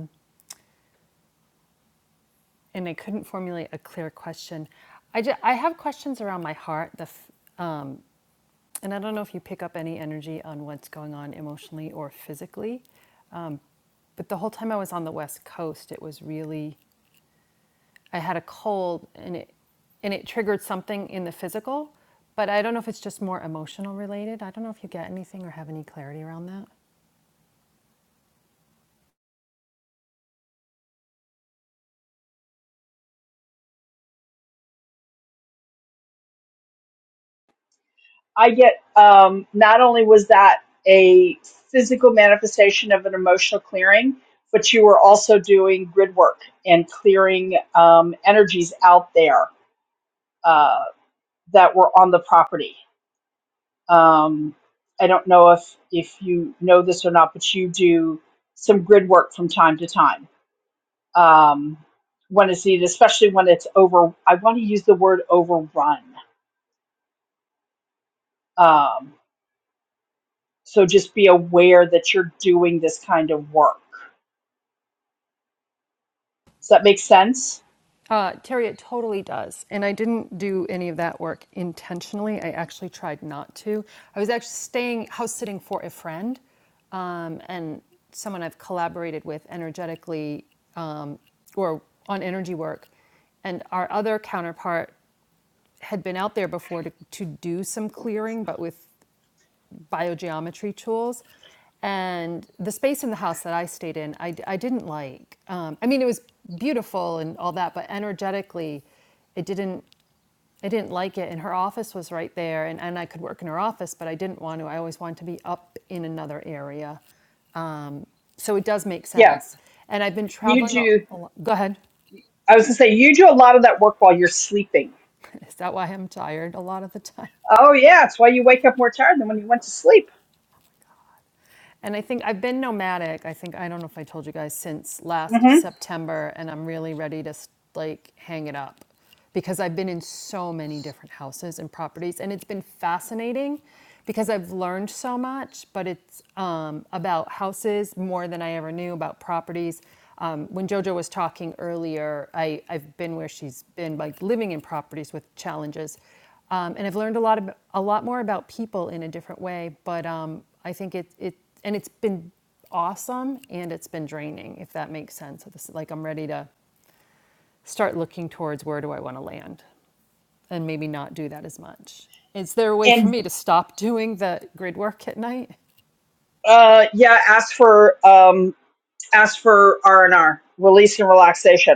[SPEAKER 6] and I couldn't formulate a clear question. I, ju- I have questions around my heart, the f- um, and I don't know if you pick up any energy on what's going on emotionally or physically. Um, but the whole time I was on the West Coast, it was really I had a cold, and it and it triggered something in the physical. But I don't know if it's just more emotional related. I don't know if you get anything or have any clarity around that.
[SPEAKER 2] I get um, not only was that a physical manifestation of an emotional clearing, but you were also doing grid work and clearing um, energies out there uh, that were on the property. Um, I don't know if if you know this or not, but you do some grid work from time to time um, when it's needed, especially when it's over. I want to use the word overrun. Um, So just be aware that you're doing this kind of work. Does that make sense?
[SPEAKER 6] Uh, Terry, it totally does. And I didn't do any of that work intentionally. I actually tried not to. I was actually staying house sitting for a friend um, and someone I've collaborated with energetically um, or on energy work. And our other counterpart had been out there before to, to do some clearing, but with biogeometry tools. And the space in the house that I stayed in, I, I didn't like. Um, I mean, it was beautiful and all that, but energetically, it didn't. I didn't like it. And her office was right there, and, and I could work in her office, but I didn't want to. I always wanted to be up in another area. Um, so it does make
[SPEAKER 2] Yeah.
[SPEAKER 6] sense. And I've been
[SPEAKER 2] You
[SPEAKER 6] traveling a,
[SPEAKER 2] do,
[SPEAKER 6] a lot. Go ahead.
[SPEAKER 2] I was going to say, you do a lot of that work while you're sleeping.
[SPEAKER 6] Is that why I'm tired a lot of the time?
[SPEAKER 2] Oh, yeah. It's why you wake up more tired than when you went to sleep.
[SPEAKER 6] And I think I've been nomadic. I think I don't know if I told you guys since last
[SPEAKER 2] hmm
[SPEAKER 6] September, and I'm really ready to like hang it up because I've been in so many different houses and properties, and it's been fascinating because I've learned so much. But it's um, about houses more than I ever knew about properties. Um, when JoJo was talking earlier, I, I've been where she's been, like living in properties with challenges um, and I've learned a lot of, a lot more about people in a different way. But um, I think it it and it's been awesome and it's been draining, if that makes sense. So this, like I'm ready to start looking towards where do I want to land, and maybe not do that as much. Is there a way for
[SPEAKER 2] And
[SPEAKER 6] me to stop doing the grid work at night?
[SPEAKER 2] uh, yeah, ask for um, ask for R and R, release and relaxation.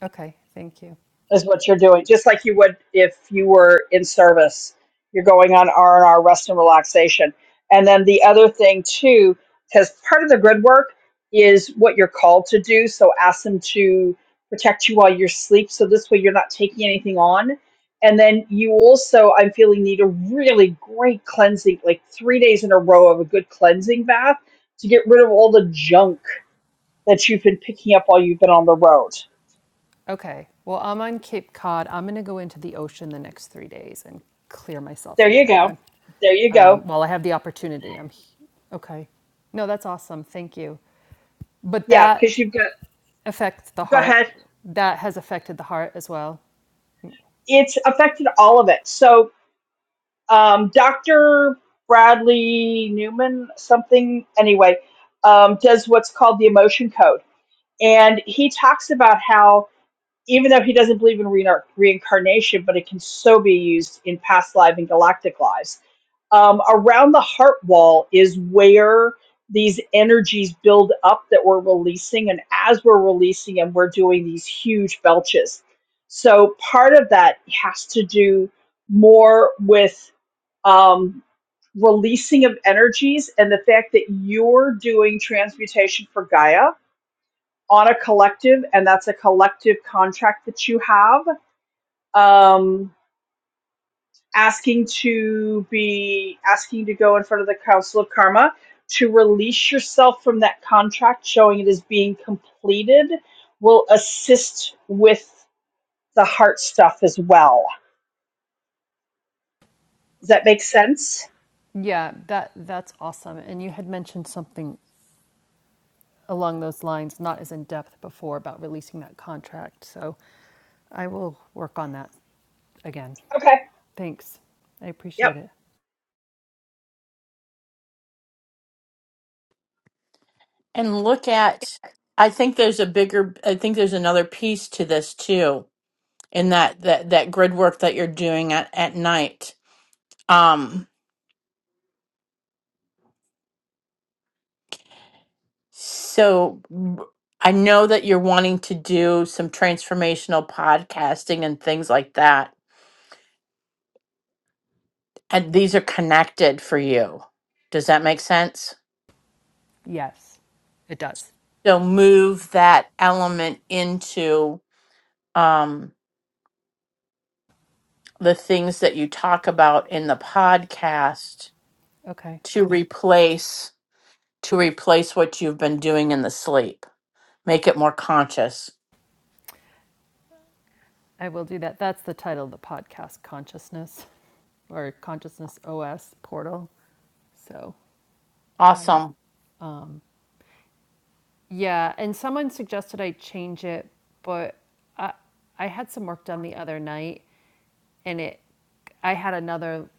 [SPEAKER 6] Okay, thank you.
[SPEAKER 2] is what you're doing, just like you would if you were in service. You're going on R and R rest and relaxation. And then the other thing too, because part of the grid work is what you're called to do. So ask them to protect you while you're asleep, so this way you're not taking anything on. And then you also, I'm feeling, need a really great cleansing, like three days in a row of a good cleansing bath to get rid of all the junk that you've been picking up while you've been on the road.
[SPEAKER 6] Okay. Well, I'm on Cape Cod. I'm going to go into the ocean the next three days and clear myself
[SPEAKER 2] There
[SPEAKER 6] in
[SPEAKER 2] you
[SPEAKER 6] there
[SPEAKER 2] go.
[SPEAKER 6] then.
[SPEAKER 2] There you go
[SPEAKER 6] Um, while I have the opportunity, I'm h- okay. No, that's awesome. Thank you. But
[SPEAKER 2] Yeah,
[SPEAKER 6] that
[SPEAKER 2] because you've got,
[SPEAKER 6] affects the
[SPEAKER 2] go
[SPEAKER 6] heart.
[SPEAKER 2] ahead.
[SPEAKER 6] That has affected the heart as well.
[SPEAKER 2] It's affected all of it. So, um, Dr. Bradley Newman, something, anyway, um, does what's called the emotion code. And he talks about how, even though he doesn't believe in reinar- reincarnation, but it can so be used in past lives and galactic lives. Um, around the heart wall is where these energies build up that we're releasing. And as we're releasing them, we're doing these huge belches. So part of that has to do more with um, releasing of energies and the fact that you're doing transmutation for Gaia on a collective, and that's a collective contract that you have. Um, asking to be asking to go in front of the council of karma to release yourself from that contract showing it is being completed will assist with the heart stuff as well does that make sense
[SPEAKER 6] Yeah, that that's awesome. And you had mentioned something along those lines, not as in depth before, about releasing that contract. So I will work on that again.
[SPEAKER 2] okay
[SPEAKER 6] Thanks. I
[SPEAKER 2] yep
[SPEAKER 6] appreciate it.
[SPEAKER 1] and look at i think there's a bigger i think there's another piece to this too in that that that grid work that you're doing at at night um so w- i know that you're wanting to do some transformational podcasting and things like that and these are connected for you does that make sense
[SPEAKER 6] Yes, it does.
[SPEAKER 1] so move that element into um the things that you talk about in the podcast
[SPEAKER 6] Okay.
[SPEAKER 1] to replace to replace what you've been doing in the sleep. Make it more conscious.
[SPEAKER 6] I will do that. That's the title of the podcast, Consciousness or Consciousness OS Portal. So I w-
[SPEAKER 1] Awesome.
[SPEAKER 6] yeah, and someone suggested I change it, but I I had some work done the other night, and it I had another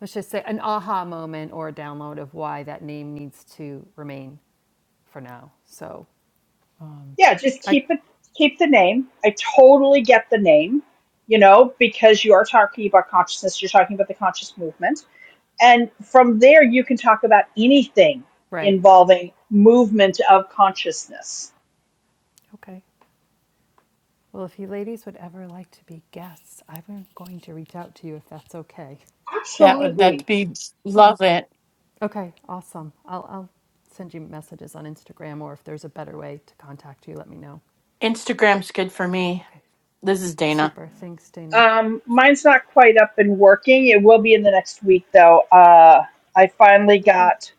[SPEAKER 6] let's just say an aha moment or a download of why that name needs to remain for now. So
[SPEAKER 2] yeah just
[SPEAKER 6] I
[SPEAKER 2] keep it keep the name i totally get the name you know because you are talking about consciousness you're talking about the conscious movement and from there you can talk about anything
[SPEAKER 6] right
[SPEAKER 2] involving movement of consciousness
[SPEAKER 6] okay. Well, if you ladies would ever like to be guests, I'm going to reach out to you if that's okay.
[SPEAKER 1] That would that'd
[SPEAKER 2] Absolutely.
[SPEAKER 1] be love it.
[SPEAKER 6] Okay, awesome. I'll, I'll send you messages on Instagram or if there's a better way to contact you, let me know.
[SPEAKER 1] Instagram's good for me.
[SPEAKER 6] Okay,
[SPEAKER 1] This is Dana.
[SPEAKER 6] super. Thanks, Dana.
[SPEAKER 2] Um, mine's not quite up and working. It will be in the next week, though. Uh, I finally
[SPEAKER 6] Okay,
[SPEAKER 2] got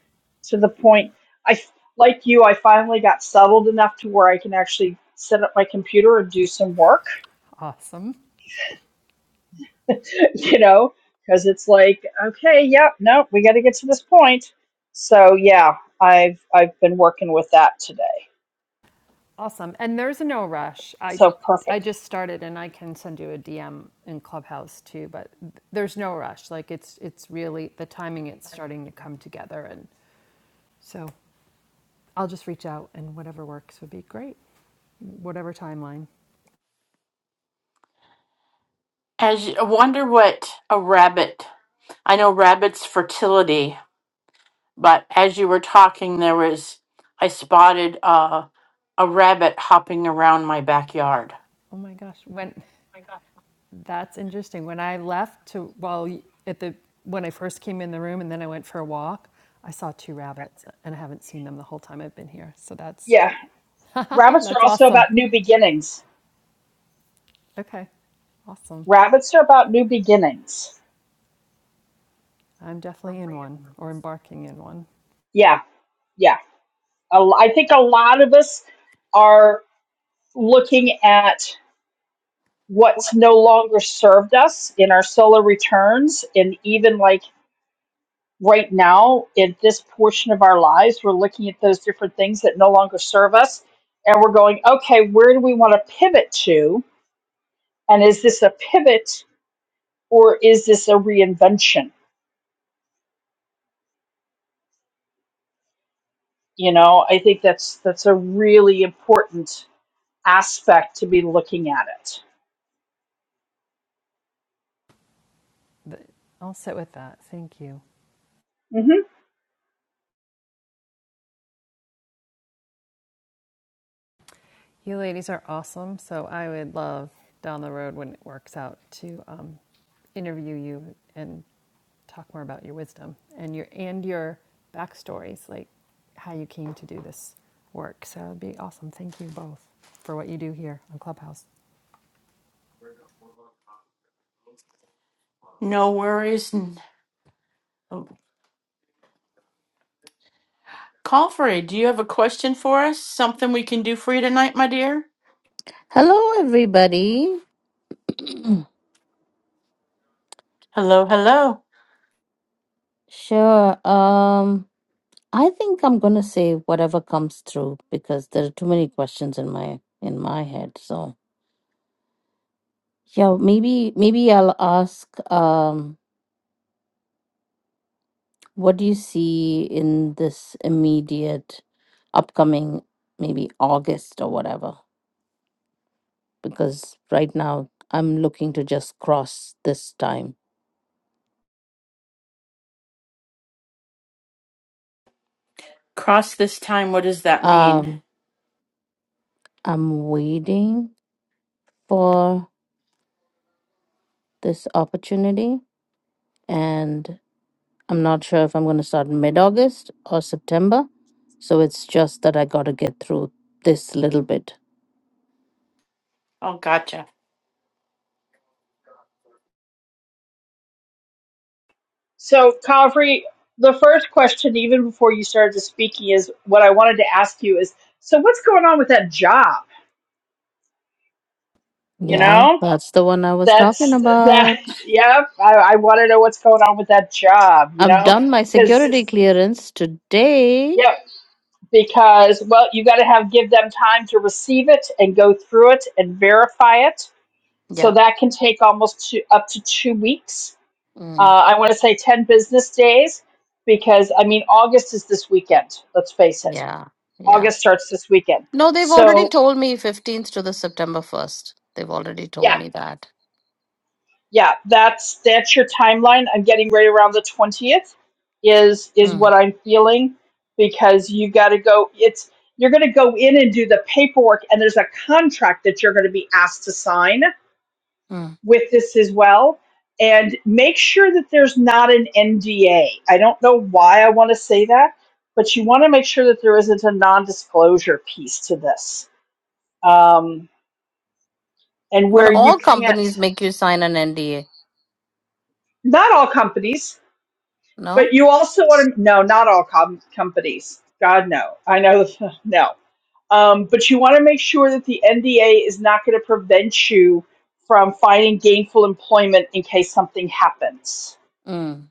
[SPEAKER 2] to the point. I f- like you. I finally got settled enough to where I can actually set up my computer and do some work.
[SPEAKER 6] awesome.
[SPEAKER 2] you know, because it's like, okay, yep, no, we got to get to this point. So yeah, I've I've been working with that today.
[SPEAKER 6] Awesome. And there's no rush. I
[SPEAKER 2] So
[SPEAKER 6] I
[SPEAKER 2] perfect.
[SPEAKER 6] just started and I can send you a DM in Clubhouse too, but there's no rush. Like it's it's really the timing it's starting to come together and So I'll just reach out and whatever works would be great, whatever timeline.
[SPEAKER 1] As you, I wonder what a rabbit. I know rabbits fertility, but as you were talking, there was I spotted uh, a rabbit hopping around my backyard.
[SPEAKER 6] oh my gosh, when That's interesting. When I left to well, at the when I first came in the room and then I went for a walk, I saw two rabbits and I haven't seen them the whole time I've been here. So that's
[SPEAKER 2] Yeah, rabbits are
[SPEAKER 6] that's
[SPEAKER 2] also
[SPEAKER 6] awesome.
[SPEAKER 2] about new beginnings.
[SPEAKER 6] Okay. Awesome.
[SPEAKER 2] Rabbits are about new beginnings.
[SPEAKER 6] I'm definitely in one or embarking in one.
[SPEAKER 2] Yeah yeah. A l- I think a lot of us are looking at what's no longer served us in our solar returns. And even like right now, in this portion of our lives, we're looking at those different things that no longer serve us. And we're going, okay, where do we want to pivot to? And is this a pivot or is this a reinvention? You know, I think that's that's a really important aspect to be looking at it.
[SPEAKER 6] I'll sit with that. Thank you.
[SPEAKER 2] Mm-hmm.
[SPEAKER 6] You ladies are awesome. So I would love down the road when it works out to um, interview you and talk more about your wisdom and your and your backstories, like how you came to do this work. So it'd be awesome. Thank you both for what you do here on Clubhouse.
[SPEAKER 1] No worries. n- Call for it. Do you have a question for us? Something we can do for you tonight, my dear?
[SPEAKER 8] Hello, everybody.
[SPEAKER 1] Hello, hello.
[SPEAKER 8] sure. Um, I think I'm gonna say whatever comes through because there are too many questions in my in my head. So yeah, maybe maybe I'll ask. Um, what do you see in this immediate, upcoming, maybe August or whatever? Because right now I'm looking to just cross this time.
[SPEAKER 1] Cross this time, what does that mean?
[SPEAKER 8] Um, I'm waiting for this opportunity and I'm not sure if I'm going to start mid August or September. So it's just that I got to get through this little bit.
[SPEAKER 1] Oh, gotcha.
[SPEAKER 2] So, Calvary, the first question, even before you started speaking, is what I wanted to ask you is so, what's going on with that job? You
[SPEAKER 8] Yeah,
[SPEAKER 2] know,
[SPEAKER 8] that's the one I was talking
[SPEAKER 2] that's
[SPEAKER 8] about.
[SPEAKER 2] that, yep. I, I want to know what's going on with that job, you
[SPEAKER 8] I've
[SPEAKER 2] know,
[SPEAKER 8] done my
[SPEAKER 2] because,
[SPEAKER 8] security clearance today.
[SPEAKER 2] yep, because, well, you got to have give them time to receive it and go through it and verify it. So,
[SPEAKER 8] Yeah.
[SPEAKER 2] that can take almost two, up to two weeks. Uh,
[SPEAKER 8] Mm,
[SPEAKER 2] I want to say 10 business days because, I mean, August is this weekend, let's face it
[SPEAKER 8] yeah. Yeah.
[SPEAKER 2] August starts this weekend.
[SPEAKER 8] No, they've already
[SPEAKER 2] So
[SPEAKER 8] told me 15th to the September 1st. They've already told
[SPEAKER 2] yeah,
[SPEAKER 8] me that.
[SPEAKER 2] yeah, that's that's your timeline. I'm getting right around the twentieth is is what
[SPEAKER 8] Mm,
[SPEAKER 2] I'm feeling because you gotta go it's you're gonna go in and do the paperwork and there's a contract that you're gonna be asked to sign
[SPEAKER 8] mm.
[SPEAKER 2] with this as well. And make sure that there's not an NDA. I don't know why I want to say that, but you want to make sure that there isn't a non-disclosure piece to this. Um, and
[SPEAKER 8] But
[SPEAKER 2] where you
[SPEAKER 8] all
[SPEAKER 2] can't
[SPEAKER 8] companies make you sign an NDA,
[SPEAKER 2] not all companies,
[SPEAKER 8] no?
[SPEAKER 2] but you also want to no, not all com- companies. God no, I know no. Um, but you want to make sure that the NDA is not going to prevent you from finding gainful employment in case something happens.
[SPEAKER 8] Mm,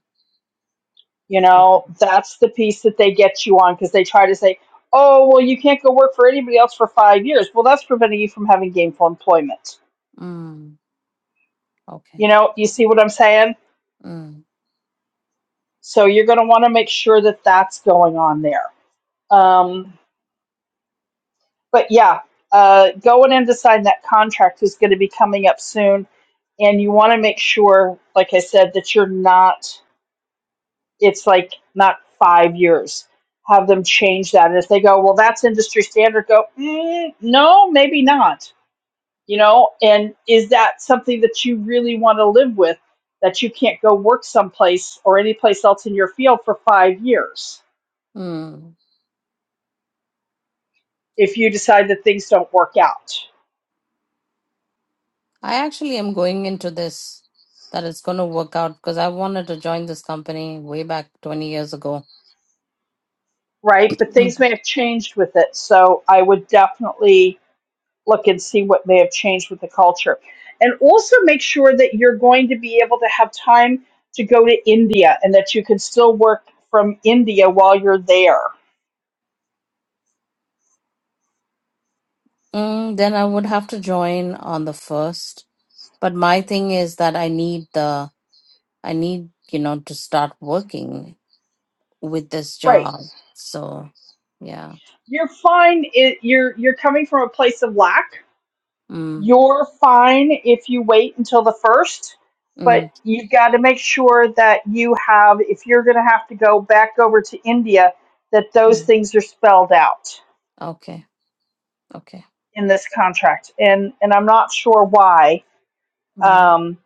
[SPEAKER 2] You
[SPEAKER 8] okay.
[SPEAKER 2] know, that's the piece that they get you on because they try to say, "Oh, well, you can't go work for anybody else for five years." Well, that's preventing you from having gainful employment.
[SPEAKER 8] Mm, okay.
[SPEAKER 2] You know, you see what I'm saying?
[SPEAKER 8] Mm.
[SPEAKER 2] So you're going to want to make sure that that's going on there. Um, but yeah, uh, going in to sign that contract is going to be coming up soon, and you want to make sure, like I said, that you're not. It's like not five years. Have them change that. And if they go, well, that's industry standard. Go, mm, no, maybe not. You know, and is that something that you really want to live with? That you can't go work someplace or any place else in your field for five years
[SPEAKER 8] mm.
[SPEAKER 2] if you decide that things don't work out
[SPEAKER 8] I actually am going into this that it's going to work out because I wanted to join this company way back 20 years ago.
[SPEAKER 2] right? But
[SPEAKER 8] Mm.
[SPEAKER 2] things may have changed with it. So I would definitely look and see what may have changed with the culture. And also make sure that you're going to be able to have time to go to India and that you can still work from India while you're there.
[SPEAKER 8] Mm, then I would have to join on the first. But my thing is that I need the, I need, you know, to start working with this
[SPEAKER 2] Right.
[SPEAKER 8] job. So, yeah.
[SPEAKER 2] You're fine. It, you're you're coming from a place of lack.
[SPEAKER 8] Mm,
[SPEAKER 2] You're fine if you wait until the first, but
[SPEAKER 8] mm,
[SPEAKER 2] you've got to make sure that you have if you're going to have to go back over to India that those
[SPEAKER 8] mm.
[SPEAKER 2] things are spelled out
[SPEAKER 8] Okay. Okay.
[SPEAKER 2] in this contract, and and I'm not sure why,
[SPEAKER 8] Mm,
[SPEAKER 2] um,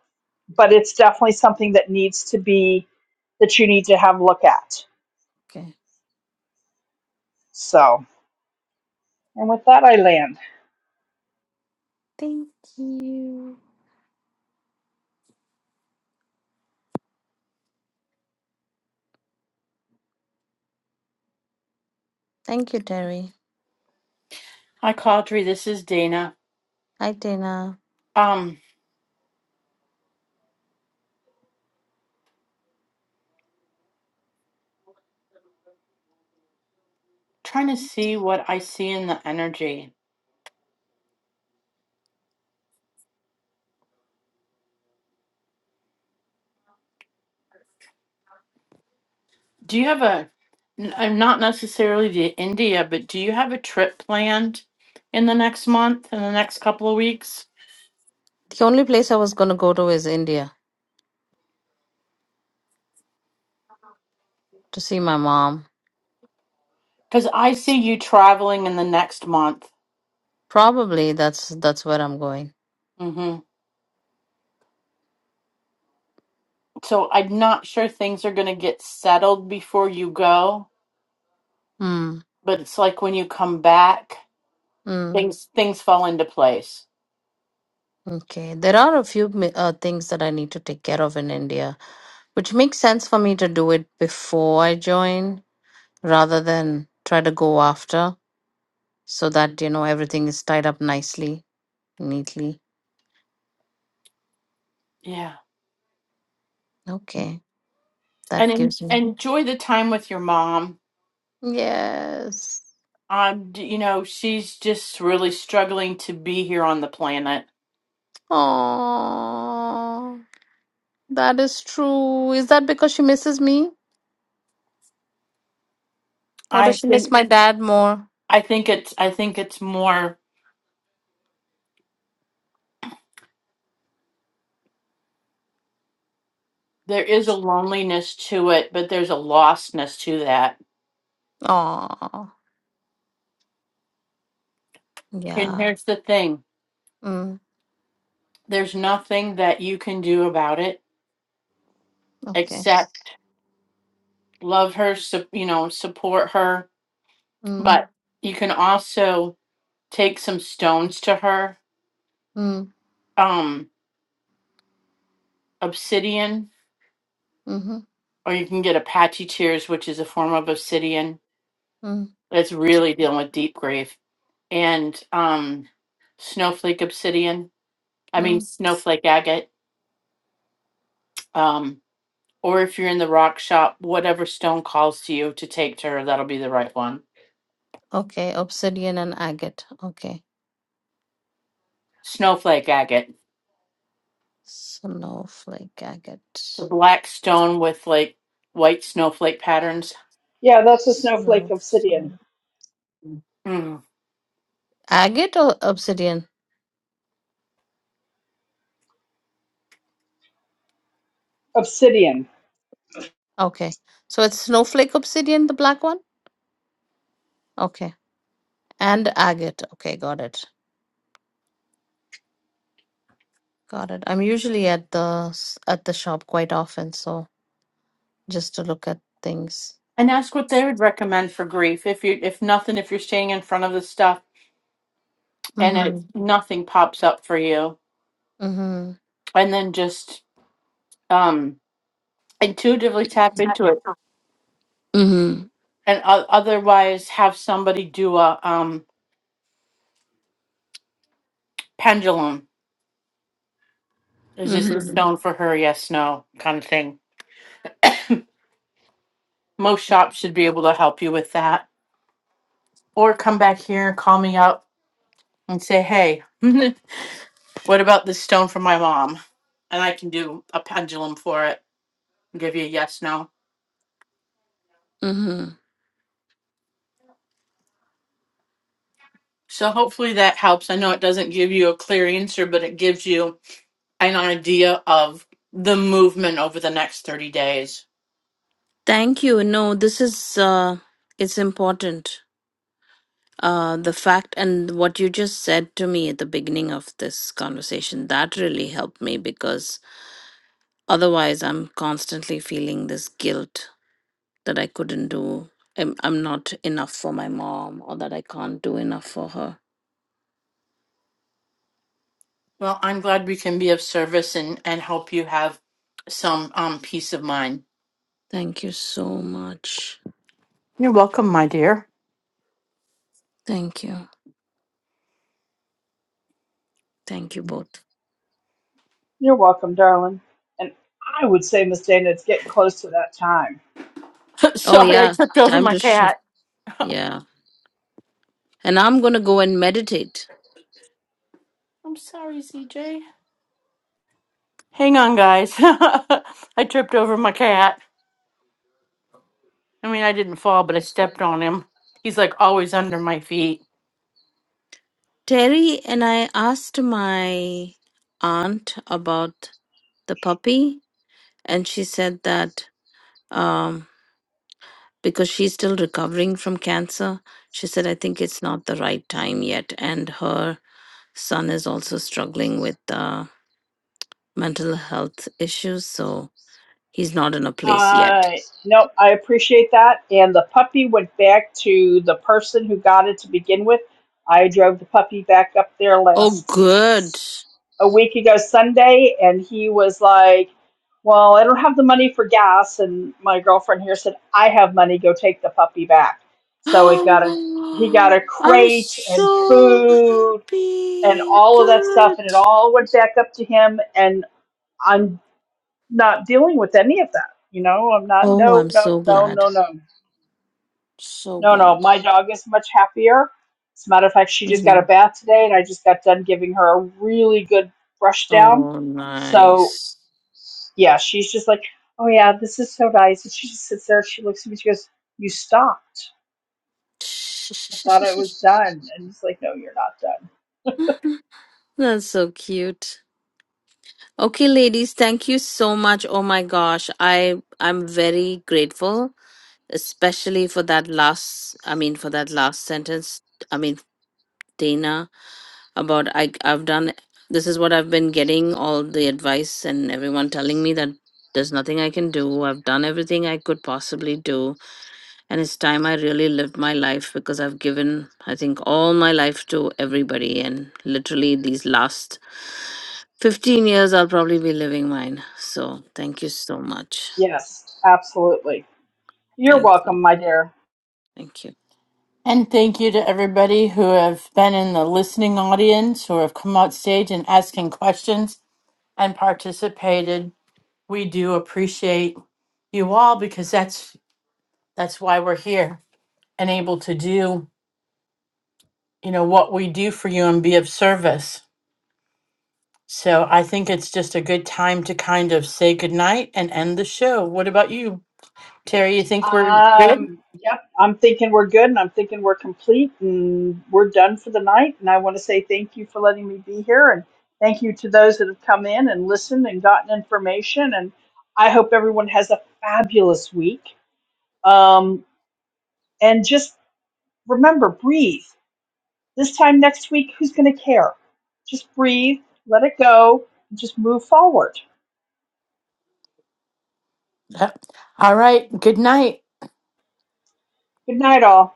[SPEAKER 2] but it's definitely something that needs to be that you need to have a look at.
[SPEAKER 8] okay.
[SPEAKER 2] So, and with that, I land.
[SPEAKER 8] Thank you. Thank you, Terry.
[SPEAKER 1] Hi, Caudry. This is Dana.
[SPEAKER 8] Hi, Tina.
[SPEAKER 1] Um, trying to see what I see in the energy. Do you have a, n- uh, not necessarily the India, but do you have a trip planned in the next month, in the next couple of weeks?
[SPEAKER 8] The only place I was going to go to is India to see my mom
[SPEAKER 1] Because I see you traveling in the next month.
[SPEAKER 8] Probably that's that's where I'm going.
[SPEAKER 1] Mm-hmm. So I'm not sure things are going to get settled before you go,
[SPEAKER 8] Hmm.
[SPEAKER 1] but it's like when you come back,
[SPEAKER 8] Mm.
[SPEAKER 1] things things fall into place.
[SPEAKER 8] Okay. There are a few mi- uh, things that I need to take care of in India, which makes sense for me to do it before I join rather than try to go after so that, you know, everything is tied up nicely, neatly.
[SPEAKER 1] Yeah.
[SPEAKER 8] Okay.
[SPEAKER 1] and
[SPEAKER 8] That
[SPEAKER 1] en-
[SPEAKER 8] gives me.
[SPEAKER 1] enjoy the time with your mom.
[SPEAKER 8] Yes.
[SPEAKER 1] Um, d- you know, she's just really struggling to be here on the planet.
[SPEAKER 8] Oh, that is true. Is that because she misses me or does
[SPEAKER 1] I
[SPEAKER 8] she miss
[SPEAKER 1] think
[SPEAKER 8] my dad more?
[SPEAKER 1] I think it's I think it's more there is a loneliness to it, but there's a lostness to that.
[SPEAKER 8] Oh,
[SPEAKER 1] And
[SPEAKER 8] yeah.
[SPEAKER 1] here's the thing:
[SPEAKER 8] hmm.
[SPEAKER 1] there's nothing that you can do about it
[SPEAKER 8] Okay.
[SPEAKER 1] except love her, su- you know, support her.
[SPEAKER 8] Mm,
[SPEAKER 1] But you can also take some stones to her,
[SPEAKER 8] mm,
[SPEAKER 1] um, obsidian,
[SPEAKER 8] mm-hmm,
[SPEAKER 1] Or you can get Apache tears, which is a form of obsidian.
[SPEAKER 8] mm,
[SPEAKER 1] That's really dealing with deep grief And um, snowflake obsidian. I mean,
[SPEAKER 8] mm.
[SPEAKER 1] snowflake agate. Um, or if you're in the rock shop, whatever stone calls to you to take to her, that'll be the right one.
[SPEAKER 8] Okay, obsidian and agate. Okay.
[SPEAKER 1] Snowflake agate.
[SPEAKER 8] Snowflake, agate.
[SPEAKER 1] The black stone with like white snowflake patterns.
[SPEAKER 2] Yeah, that's a snowflake obsidian.
[SPEAKER 8] Snowflake.
[SPEAKER 1] Mm.
[SPEAKER 8] Agate or obsidian?
[SPEAKER 2] Obsidian.
[SPEAKER 8] Okay. So it's snowflake obsidian, the black one? Okay. And agate. Okay, got it. Got it. I'm usually at the s- at the shop quite often, so just to look at things.
[SPEAKER 1] And ask what they would recommend for grief. If you, if nothing, if you're staying in front of the stuff and it,
[SPEAKER 8] Mm-hmm.
[SPEAKER 1] nothing pops up for you,
[SPEAKER 8] Mm-hmm.
[SPEAKER 1] and then just um, intuitively tap into it,
[SPEAKER 8] Mm-hmm.
[SPEAKER 1] and o- otherwise have somebody do a um, pendulum. Is this a
[SPEAKER 8] Mm-hmm.
[SPEAKER 1] stone for her? Yes, no, kind of thing. Most shops should be able to help you with that, or come back here and call me up and say, "Hey, what about this stone for my mom?" And I can do a pendulum for it and give you a yes, no.
[SPEAKER 8] Mm-hmm.
[SPEAKER 1] So hopefully that helps. I know it doesn't give you a clear answer, but it gives you an idea of the movement over the next 30 days.
[SPEAKER 8] Thank you. No, this is uh, it's important. Uh, the fact and what you just said to me at the beginning of this conversation that really helped me because otherwise I'm constantly feeling this guilt that I couldn't do. I'm, I'm not enough for my mom or that I can't do enough for her.
[SPEAKER 1] Well, I'm glad we can be of service and, and help you have some um peace of mind.
[SPEAKER 8] Thank you so much.
[SPEAKER 1] You're welcome, my dear.
[SPEAKER 8] Thank you. Thank you both.
[SPEAKER 2] You're welcome, darling. And I would say, Miss Dana, it's getting close to that time.
[SPEAKER 8] Oh
[SPEAKER 1] sorry, I
[SPEAKER 8] yeah,
[SPEAKER 1] tripped over
[SPEAKER 8] time
[SPEAKER 1] my
[SPEAKER 8] to shift.
[SPEAKER 1] cat.
[SPEAKER 8] Yeah, and I'm gonna go and meditate.
[SPEAKER 1] I'm sorry, CJ. Hang on, guys. I tripped over my cat. I mean, I didn't fall, but I stepped on him. He's like always under my feet.
[SPEAKER 8] Terry and I asked my aunt about the puppy, and she said that um, because she's still recovering from cancer, she said, I think it's not the right time yet. And her son is also struggling with uh, mental health issues, so he's not in a place yet.
[SPEAKER 2] Uh, no, I appreciate that. And the puppy went back to the person who got it to begin with. I drove the puppy back up there
[SPEAKER 8] Oh,
[SPEAKER 2] last
[SPEAKER 8] good.
[SPEAKER 2] a week ago Sunday, and he was like, "Well, I don't have the money for gas." And my girlfriend here said, "I have money. Go take the puppy back." So it got a he got a
[SPEAKER 8] Oh, I'm
[SPEAKER 2] crate and
[SPEAKER 8] so
[SPEAKER 2] food and
[SPEAKER 8] happy.
[SPEAKER 2] all of that stuff,
[SPEAKER 8] Good.
[SPEAKER 2] and it all went back up to him. And I'm not dealing with any of that. You know, I'm not,
[SPEAKER 8] Oh,
[SPEAKER 2] no,
[SPEAKER 8] I'm
[SPEAKER 2] no,
[SPEAKER 8] so
[SPEAKER 2] no,
[SPEAKER 8] glad.
[SPEAKER 2] no, no,
[SPEAKER 8] So
[SPEAKER 2] no, no.
[SPEAKER 8] glad.
[SPEAKER 2] My dog is much happier. As a matter of fact, she just got a
[SPEAKER 8] hmm
[SPEAKER 2] bath today and I just got done giving her a really good brush down.
[SPEAKER 8] Oh,
[SPEAKER 2] So,
[SPEAKER 8] nice.
[SPEAKER 2] yeah, she's just like, oh, yeah, this is so nice. And she just sits there, she looks at me, she goes, you stopped. I thought I was done. And it's like, no, you're not done.
[SPEAKER 8] That's so cute. Okay, ladies, thank you so much. Oh my gosh, I I'm very grateful, especially for that last. I mean, for that last sentence. I mean, Dana, about I I've done. This is what I've been getting all the advice and everyone telling me that there's nothing I can do. I've done everything I could possibly do and it's time i really lived my life because i've given i think all my life to everybody and literally these last 15 years i'll probably be living mine so thank you so much
[SPEAKER 2] Yes, absolutely. You're
[SPEAKER 8] thank you
[SPEAKER 2] welcome, my dear.
[SPEAKER 8] thank you
[SPEAKER 1] And thank you to everybody who have been in the listening audience, who have come out stage and asking questions and participated. We do appreciate you all because that's that's why we're here. and able to do, you know, what we do for you and be of service. So I think it's just a good time to kind of say goodnight and end the show. What about you, Terry? You think we're good?
[SPEAKER 2] Um, yep. I'm thinking we're good and I'm thinking we're complete and we're done for the night. And I want to say thank you for letting me be here and thank you to those that have come in and listened and gotten information. And I hope everyone has a fabulous week. Um, and just remember, breathe. This time next week, who's going to care? Just breathe, let it go, and just move forward.
[SPEAKER 1] Yep. All right. Good night.
[SPEAKER 2] Good night, all.